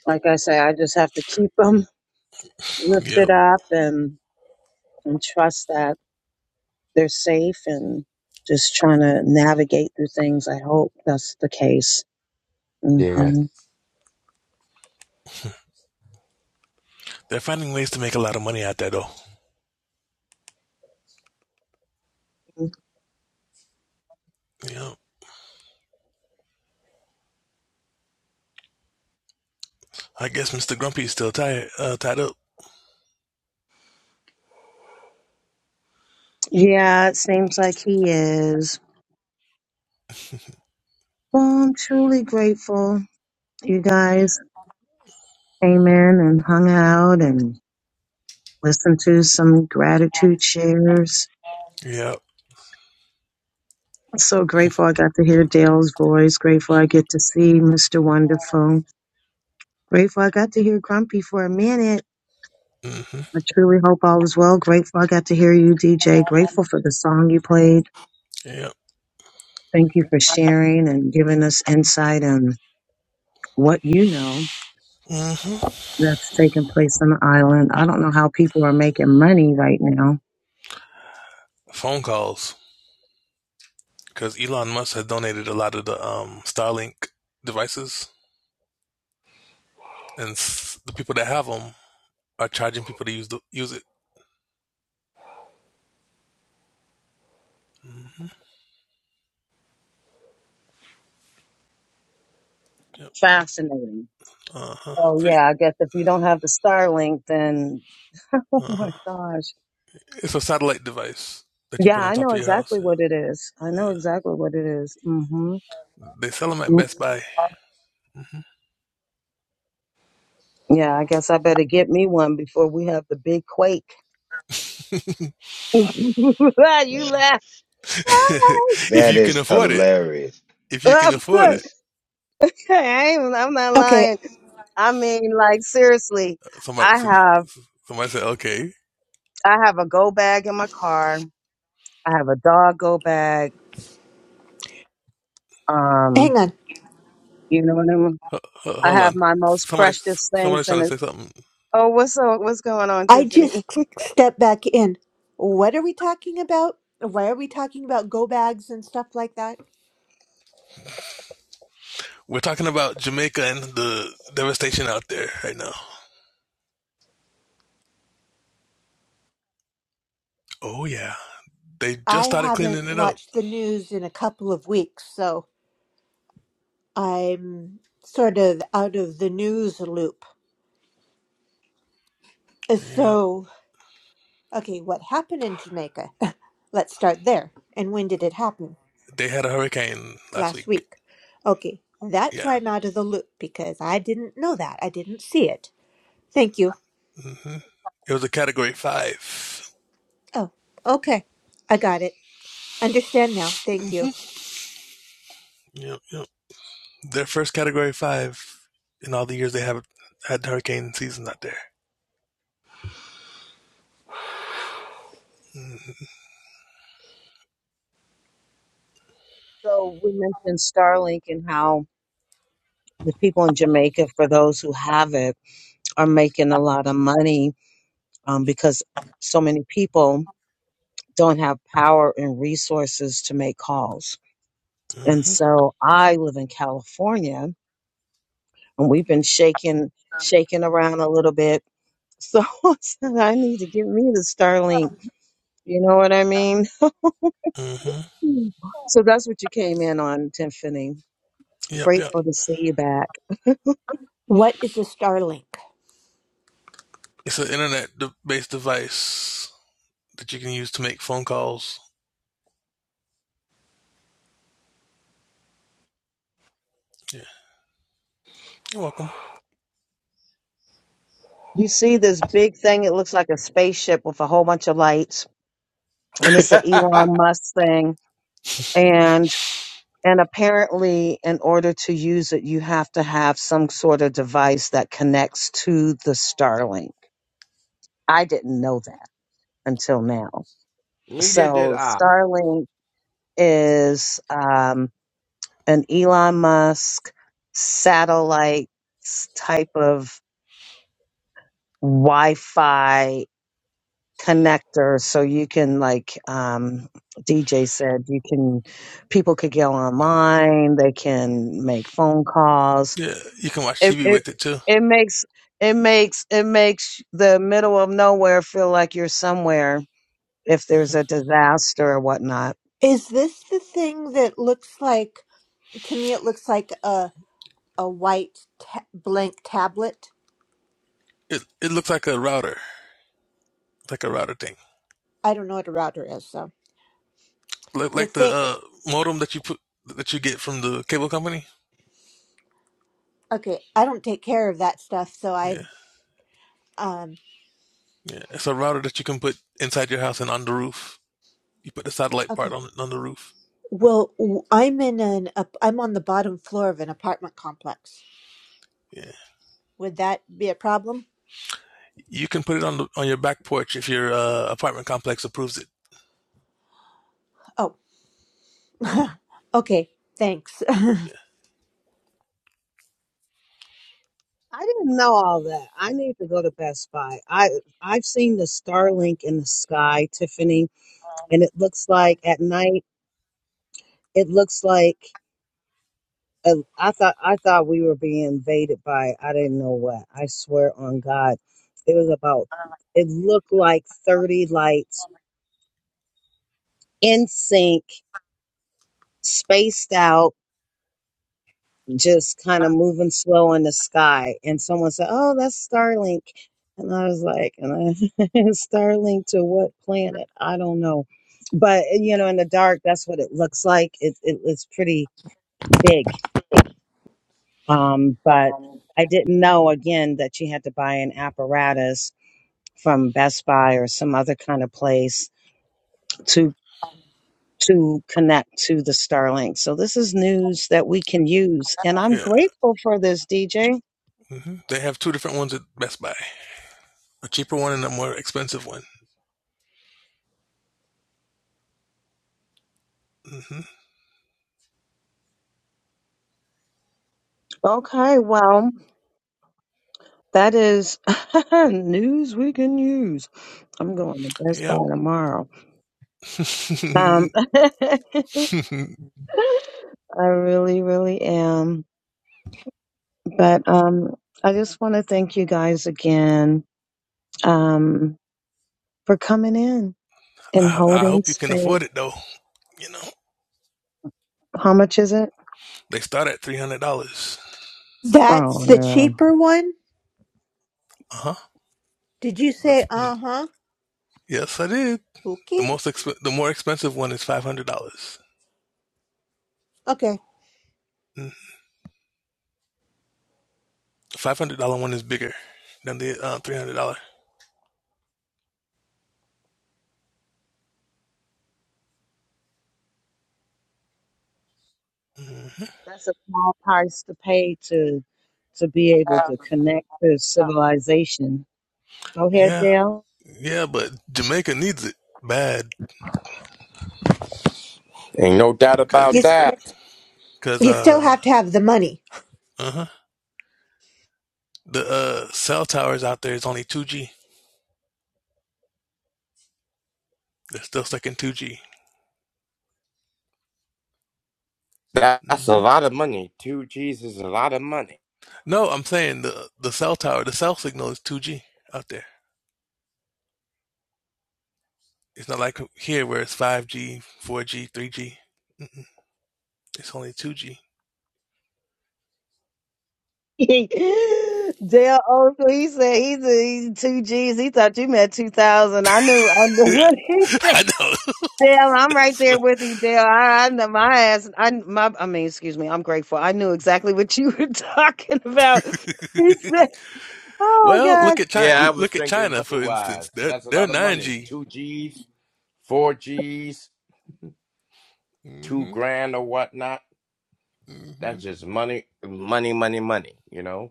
Like I say, I just have to keep them lifted
Yep.
up and, and trust that they're safe and just trying to navigate through things. I hope that's the case.
Yeah.
hmm
They're finding ways to make a lot of money out there though.
Mm.
Yep. I guess Mr. Grumpy is still tied uh, tied up.
Yeah, it seems like he is. Well, I'm truly grateful you guys came in and hung out and listened to some gratitude shares.
Yep.
So grateful I got to hear Dale's voice. Grateful I get to see Mr. Wonderful. Grateful I got to hear Grumpy for a minute.
Mm-hmm.
I truly hope all is well. Grateful I got to hear you, DJ. Grateful for the song you played.
Yep.
Thank you for sharing and giving us insight on what you know
Mm-hmm.
that's taking place on the island. I don't know how people are making money right now.
Phone calls because Elon Musk has donated a lot of the um, Starlink devices, and the people that have them are charging people to use the use it. hmm Yep.
Fascinating.
Uh huh.
Oh
Three.
yeah, I guess if you don't have the Starlink, then oh
Uh
my
huh.
gosh.
It's a satellite device that you
Yeah,
put on
I
top
know
of your
exactly
house. Yeah.
what it is. I know
Yeah.
exactly what it is. Mm-hmm.
They sell them at
Mm-hmm.
Best Buy. hmm
Yeah, I guess I better get me one before we have the big quake. you laugh.
Hilarious.
if
That
you can
is
afford it.
hilarious.
If you
I
can afford it.
That's
ain't, I'm not
Okay,
lying. I mean, like seriously,
Somebody.
I
Some,
have
somebody said, "Okay,
I have a go bag in my car. I have a dog go bag. Um,
hang on.
you know what I mean.
H- h-
I
hold
have
on."
my most
Somebody.
precious
Somebody's
things
trying
in
to
it.
say something.
Oh, what's so, what's going on,
I just
Tiffany?
stepped back in. What are we talking about? Why are we talking about go bags and stuff like that?
We're talking about Jamaica and the devastation out there right now. Oh yeah. They
I
just started
haven't
cleaning it up.
watched the news in a couple of weeks, so I'm sort of out of the news loop.
Yeah.
So, okay, what happened in Jamaica? Let's start there. And when did it happen?
They had a hurricane last
Last
week.
week. Okay, that's
Yeah.
why I'm out of the loop because I didn't know that. I didn't see it. Thank you.
hmm It was a category 5
Oh, okay. I got it. Understand now. Thank you.
Mm-hmm. Yep, yep. Their first category five in all the years they have had hurricane season out there. Mm-hmm.
So we mentioned Starlink and how the people in Jamaica, for those who have it, are making a lot of money um, because so many people don't have power and resources to make calls. And
Mm-hmm.
so I live in California, and we've been shaking shaking around a little bit. So I said, "I need to give me the Starlink. You know what I mean?
Mm-hmm.
Hmm. So that's what you came in on, Tiffany.
Yep, yep.
Grateful to see you back.
What is a Starlink?
It's an internet based device that you can use to make phone calls. Yeah, you're welcome.
You see this big thing. It looks like a spaceship with a whole bunch of lights and it's an Elon Musk thing. And and apparently, in order to use it, you have to have some sort of device that connects to the Starlink. I didn't know that until now.
Neither did
So
I.
Starlink is um, an Elon Musk satellite s- type of Wi-Fi connector so you can like um DJ said you can people could go
hmm
online they can make phone calls
Yeah, you can watch
it
TV
it,
with it too.
it makes it makes it makes the middle of nowhere feel like you're somewhere if there's
hmm
a disaster or whatnot
Is this the thing that looks like, to me, it looks like a, a white ta- blank tablet?
It it looks like a router, like a router thing,
I don't know what a router is, so.
like
The
like the
thing,
uh, modem that you put that you get from the cable company.
okay, I don't take care of that stuff, so
Yeah,
I'm, um,
Yeah, it's a router that you can put inside your house and on the roof. You put the satellite part
okay.
on on the roof.
Well, w- I'm in an, ap- I'm on the bottom floor of an apartment complex.
Yeah,
Would that be a problem?
you can put it on the, on your back porch if your uh, apartment complex approves it.
Oh, okay. Thanks.
Yeah,
I didn't know all that. I need to go to Best Buy. I I've seen the Starlink in the sky, Tiffany, and it looks like at night it looks like And I thought I thought we were being invaded by I didn't know what. I swear on God, it was about it looked like thirty lights in sync, spaced out, just kind of moving slow in the sky. And someone said, "Oh, that's Starlink," and I was like, "And I, Starlink to what planet? I don't know." But you know, in the dark, that's what it looks like. It, it it's pretty big Um, but I didn't know again that you had to buy an apparatus from Best Buy or some other kind of place to to connect to the Starlink. So this is news that we can use, and I'm
yeah.
grateful for this, DJ.
hmm They have two different ones at Best Buy: a cheaper one and a more expensive one. hmm
Okay, well that is news we can use. I'm going to Best Buy
Yep.
tomorrow. Um, I really, really am. But um, I just want to thank you guys again. Um, for coming in and
I, I
holding
hope you can afford
space.
it though. You know,
How much is it?
they start at three hundred dollars.
Oh
That's the
yeah.
cheaper one?
Uh huh.
Did you say
The,
uh huh?
yes, I did. The
Okay.
most exp- the more expensive one is five hundred dollars.
Okay.
Mm-hmm. Five hundred dollar one is bigger than the uh, three hundred dollar. Mm-hmm.
That's a small price to pay to to be able to connect to civilization. Go ahead,
Yeah,
Dale.
yeah, but Jamaica needs it bad
Ain't no doubt
because you
about
You
know
s-
that.
because
you still
uh
have to have the money.
uh huh the uh cell towers out there is only two G. They're still stuck in two G.
That's a
Mm-hmm.
lot of money. Two G's is a lot of money.
No, I'm saying the the cell tower, the cell signal is two G out there. It's not like here where it's five G, four G, three G. Mm-mm. It's only two G.
Dale, oh, he said he's, he's two G's. He thought you meant two thousand. I knew. I knew
I
what he said.
I know.
Dale, I'm right
That's
there
what.
with you, Dale. I, I know my ass. I my. I mean, excuse me. I'm grateful. I knew exactly what you were talking about. He said, "Oh
Well,
God."
look at
Yeah, I
China.
was
Look at
thinking
China,
money
for
wise.
instance. They're
That's a
they're
lot of
nine
money.
G.
Two G's, four G's, two
Mm-hmm.
grand or whatnot.
Mm-hmm.
That's just money, money, money, money. You know.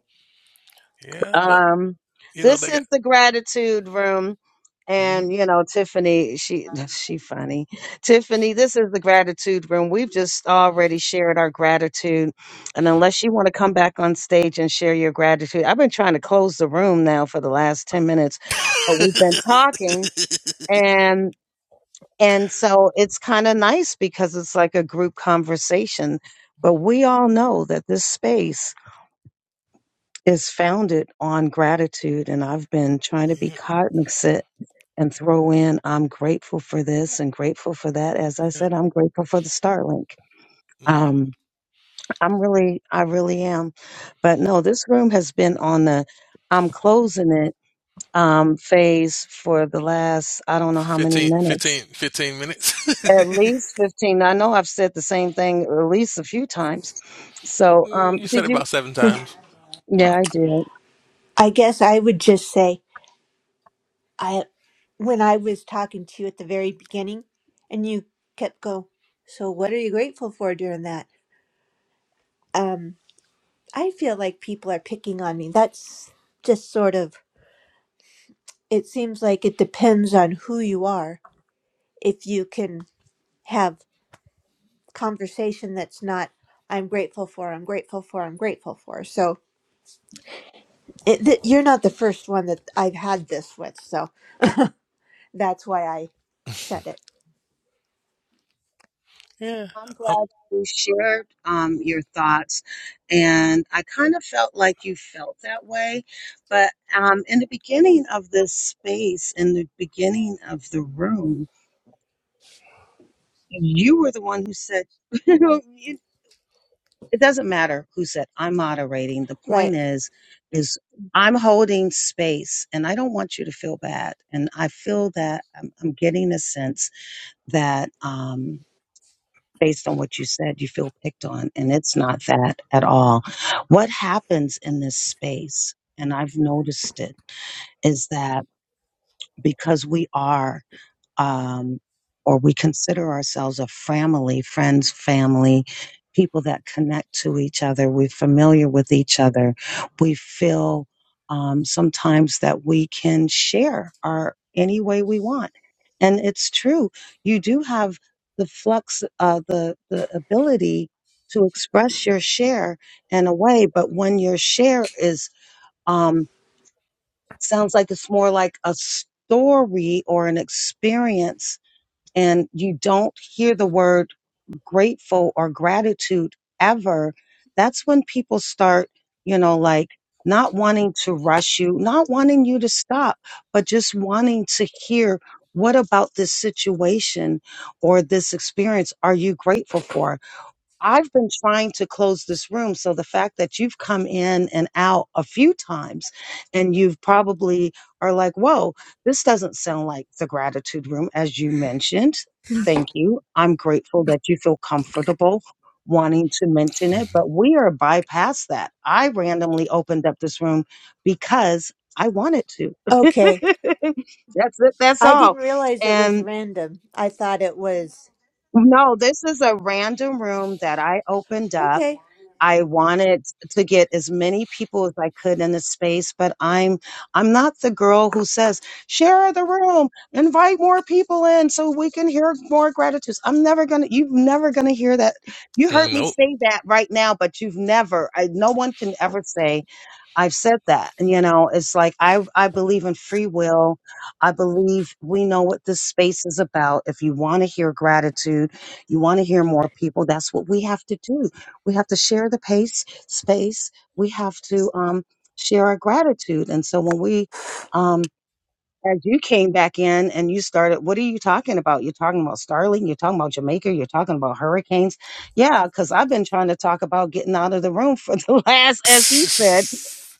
Yeah, but
Um,
you know
this
they
is
got.
the gratitude room.
hmm
And you know, Tiffany, she she funny. Tiffany, this is the gratitude room. We've just already shared our gratitude. And unless you want to come back on stage and share your gratitude, I've been trying to close the room now for the last 10 minutes, but
yeah,
we've been talking and and so it's kind of nice because it's like a group conversation. But we all know that this space is founded on gratitude. And I've been trying to be cognizant and throw in, I'm grateful for this and grateful for that. As I
yeah.
said, I'm grateful for the Starlink.
Mm-hmm.
Um, I'm really, I really am. But no, this room has been on the, I'm closing it um, phase for the last, I don't know how many
Fifteen,
minutes.
fifteen, fifteen
At
minutes.
least 15. I know I've said the same thing at least a few times. So, um,
you said
did
it
you?
about seven times.
Yeah, I did.
I guess I would just say I when I was talking to you at the very beginning, and you kept go. So what are you grateful for during that? Um, I feel like people are picking on me. That's just sort of. It seems like it depends on who you are. If you can have conversation that's not, I'm grateful for. I'm grateful for. I'm grateful for. So it, th- you're not the first one that I've had this with, so that's why I said it.
Yeah.
I'm
Um,
glad you shared um, your thoughts. And I kind of felt like you felt that way. But um, in the beginning of this space, in the beginning of the room, you were the one who said, you know, you- it doesn't matter who said, I'm moderating. The point
Right.
is, is I'm holding space and I don't want you to feel bad. And I feel that I'm, I'm getting a sense that, Um, based on what you said, you feel picked on, and it's not that at all. What happens in this space, and I've noticed it, is that because we are um, or we consider ourselves a family, friends, family, people that connect to each other. We're familiar with each other. We feel um, sometimes that we can share our any way we want, and it's true. You do have the flux, uh, the the ability to express your share in a way, but when your share is um, sounds like it's more like a story or an experience and you don't hear the word grateful or gratitude ever, that's when people start, you know, like not wanting to rush you, not wanting you to stop, but just wanting to hear what about this situation or this experience are you grateful for? I've been trying to close this room. So the fact that you've come in and out a few times and you've probably are like, whoa, this doesn't sound like the gratitude room, as you mentioned. Thank you. I'm grateful that you feel comfortable wanting to mention it, but we are bypast that. I randomly opened up this room because I wanted to.
Okay.
that's it. That's
I
all.
didn't realize it was
And
random. I thought it was
no, this is a random room that I opened up
okay.
I wanted to get as many people as I could in the space, but I'm I'm not the girl who says, share the room, invite more people in so we can hear more gratitudes. I'm never gonna you've never gonna hear that. You heard me
nope.
say that right now, but you've never I, no one can ever say I've said that. And, You know, it's like I I believe in free will. I believe we know what this space is about. If you want to hear gratitude, you want to hear more people. That's what we have to do. We have to share the pace space. We have to um, share our gratitude. And so when we, um, as you came back in and you started, what are you talking about? You're talking about Starling. You're talking about Jamaica. You're talking about hurricanes. Yeah, because I've been trying to talk about getting out of the room for the last, as he said.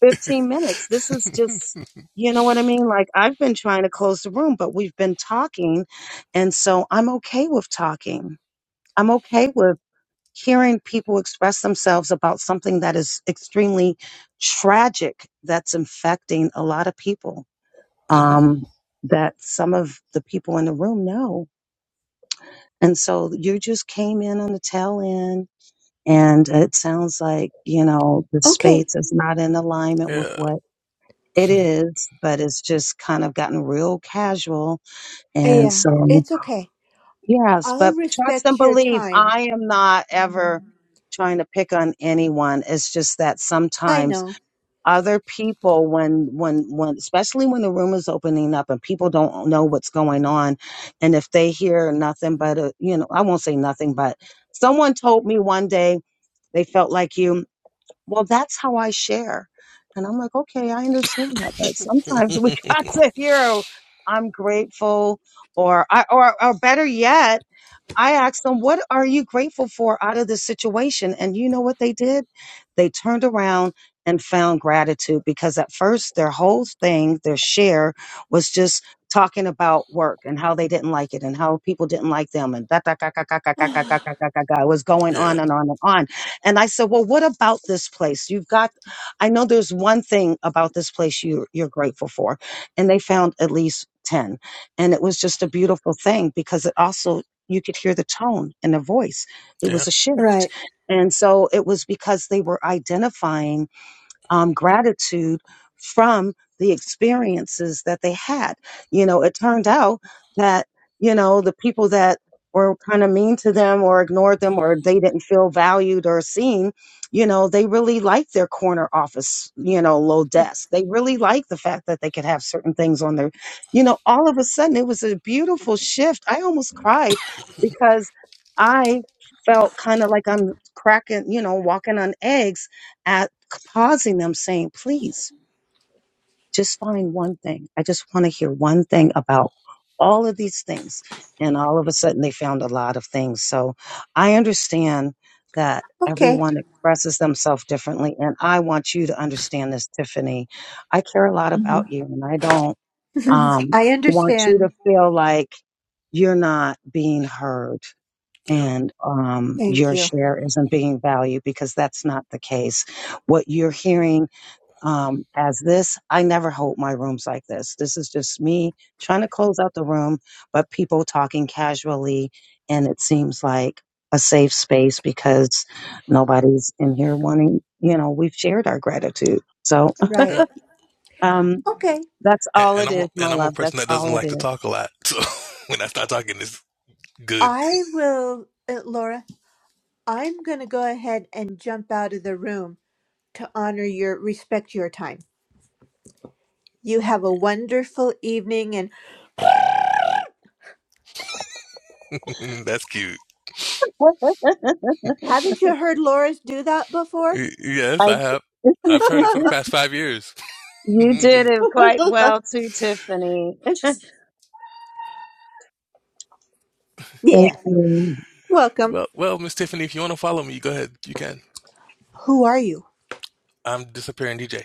15 minutes. This is
hmm
just, you know what I mean? Like, I've been trying to close the room, but we've been talking. And so I'm okay with talking. I'm okay with hearing people express themselves about something that is extremely tragic that's infecting a lot of people um, that some of the people in the room know. And so you just came in on the tail end. And it sounds like, you know, the
Okay.
space is not in alignment with
Yeah.
what It is, but it's just kind of gotten real casual.
Uh,
And
Yeah,
so,
it's okay.
yes,
I'll
but trust and
respect your
believe,
time.
I am not ever
Mhm.
trying to pick on anyone. It's just that
I
sometimes
know.
other people, when, when, when, especially when the room is opening up and people don't know what's going on, and if they hear nothing but, a, you know, I won't say nothing, but someone told me one day they felt like you well, that's how I share. And I'm like, okay, I understand that, but sometimes we got to hear, oh, I'm grateful, or I, or, or better yet, I asked them, What are you grateful for out of this situation? And you know what they did? They turned around and found gratitude because at first their whole thing, their share was just talking about work and how they didn't like it and how people didn't like them and that, that, that, that, that, that, that, that, that, that, that, that. it was going
yeah. Yeah.
on and on and on. And I said, Well, what about this place? You've got, I know there's one thing about this place you, you're grateful for. And they found at least 10 and it was just a beautiful thing because it also you could hear the tone in the voice. It was a shift.
right.
And so it was because they were identifying um, gratitude from the experiences that they had. You know, it turned out that, you know, the people that were kind of mean to them or ignored them or they didn't feel valued or seen, you know, they really liked their corner office, you know, low desk. They really liked the fact that they could have certain things on their, you know, all of a sudden it was a beautiful shift. I almost cried because I felt kind of like I'm cracking, you know, walking on eggs at pausing them saying, please just find one thing. I just want to hear one thing about all of these things. And all of a sudden they found a lot of things. So I understand that
Okay.
everyone expresses themselves differently. And I want you to understand this, Tiffany. I care a lot about
Mhm.
you and I don't, um,
I
want you to
understand.
feel like you're not being heard
Yeah.
and, um,
Thank
your
you.
share isn't being valued because that's not the case what you're hearing um, as this. I never hold my rooms like this. This is just me trying to close out the room, but people talking casually, and it seems like a safe space because nobody's in here wanting, you know, we've shared our gratitude. So,
Right.
Yeah.
um,
Okay.
that's
And,
all
and
it
I'm
is,
a,
my
and I'm a
love.
person
That's
that doesn't
all it
like to
is.
talk a lot. So when I start talking, it's good.
I will, uh, Laura, I'm going to go ahead and jump out of the room to honor your respect your time. You have a wonderful evening and
Mm, that's cute.
haven't you heard Laura's do that before?
Y- Yes,
I,
I have. I've heard it for the past five years.
you did it quite well too, Tiffany.
Yeah.
Thank you.
Welcome.
well, well, Miss Tiffany, if you want to follow me, go ahead. You can.
Who are you?
I'm disappearing DJ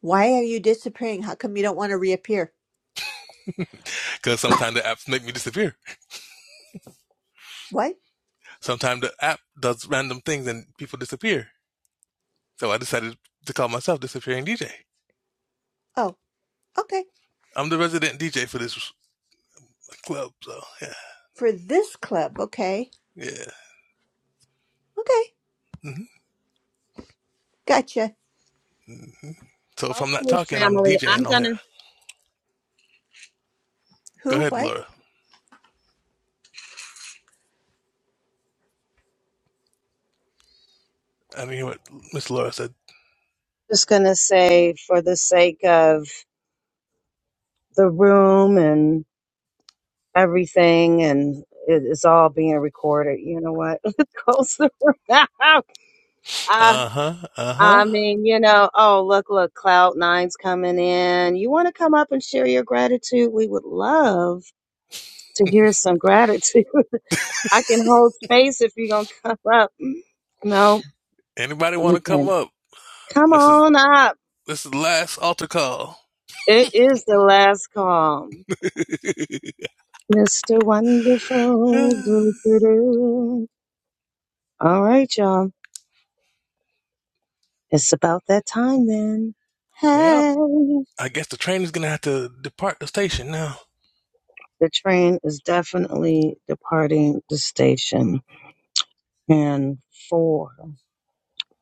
Why are you disappearing? How come you don't want to reappear?
because sometimes the apps make me disappear.
What?
Sometimes the app does random things and people disappear. So I decided to call myself disappearing DJ.
Oh, okay.
I'm the resident DJ for this club. So yeah,
For this club, okay.
yeah.
Okay.
hmm
Gotcha.
hmm So if I'm not
Okay,
talking, I'm
family. I'm
DJing on here.
gonna
Go
Who?
ahead,
What?
Laura. I mean, what Miss Laura said.
just gonna say, for the sake of the room everything and it- it's all being recorded. You know what? It goes around. I,
Uh huh. Uh
I
huh.
mean, you know, oh, look, look, Cloud Nine's coming in. You want to come up and share your gratitude? We would love to hear some gratitude. I can hold space if you're going to come up. Mm, No?
Anybody want to come
Okay.
up?
Come
This is
on up.
this is the last altar call.
It is the last call. Mr. Wonderful. Doo-doo-doo. All right, y'all. It's about that time then.
yep.
Hey.
I guess the train is gonna have to depart the station now.
The train is definitely departing the station. And four,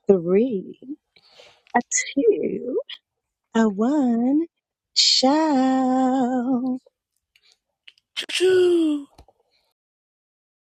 three, a two, a one, ciao.
Choo choo.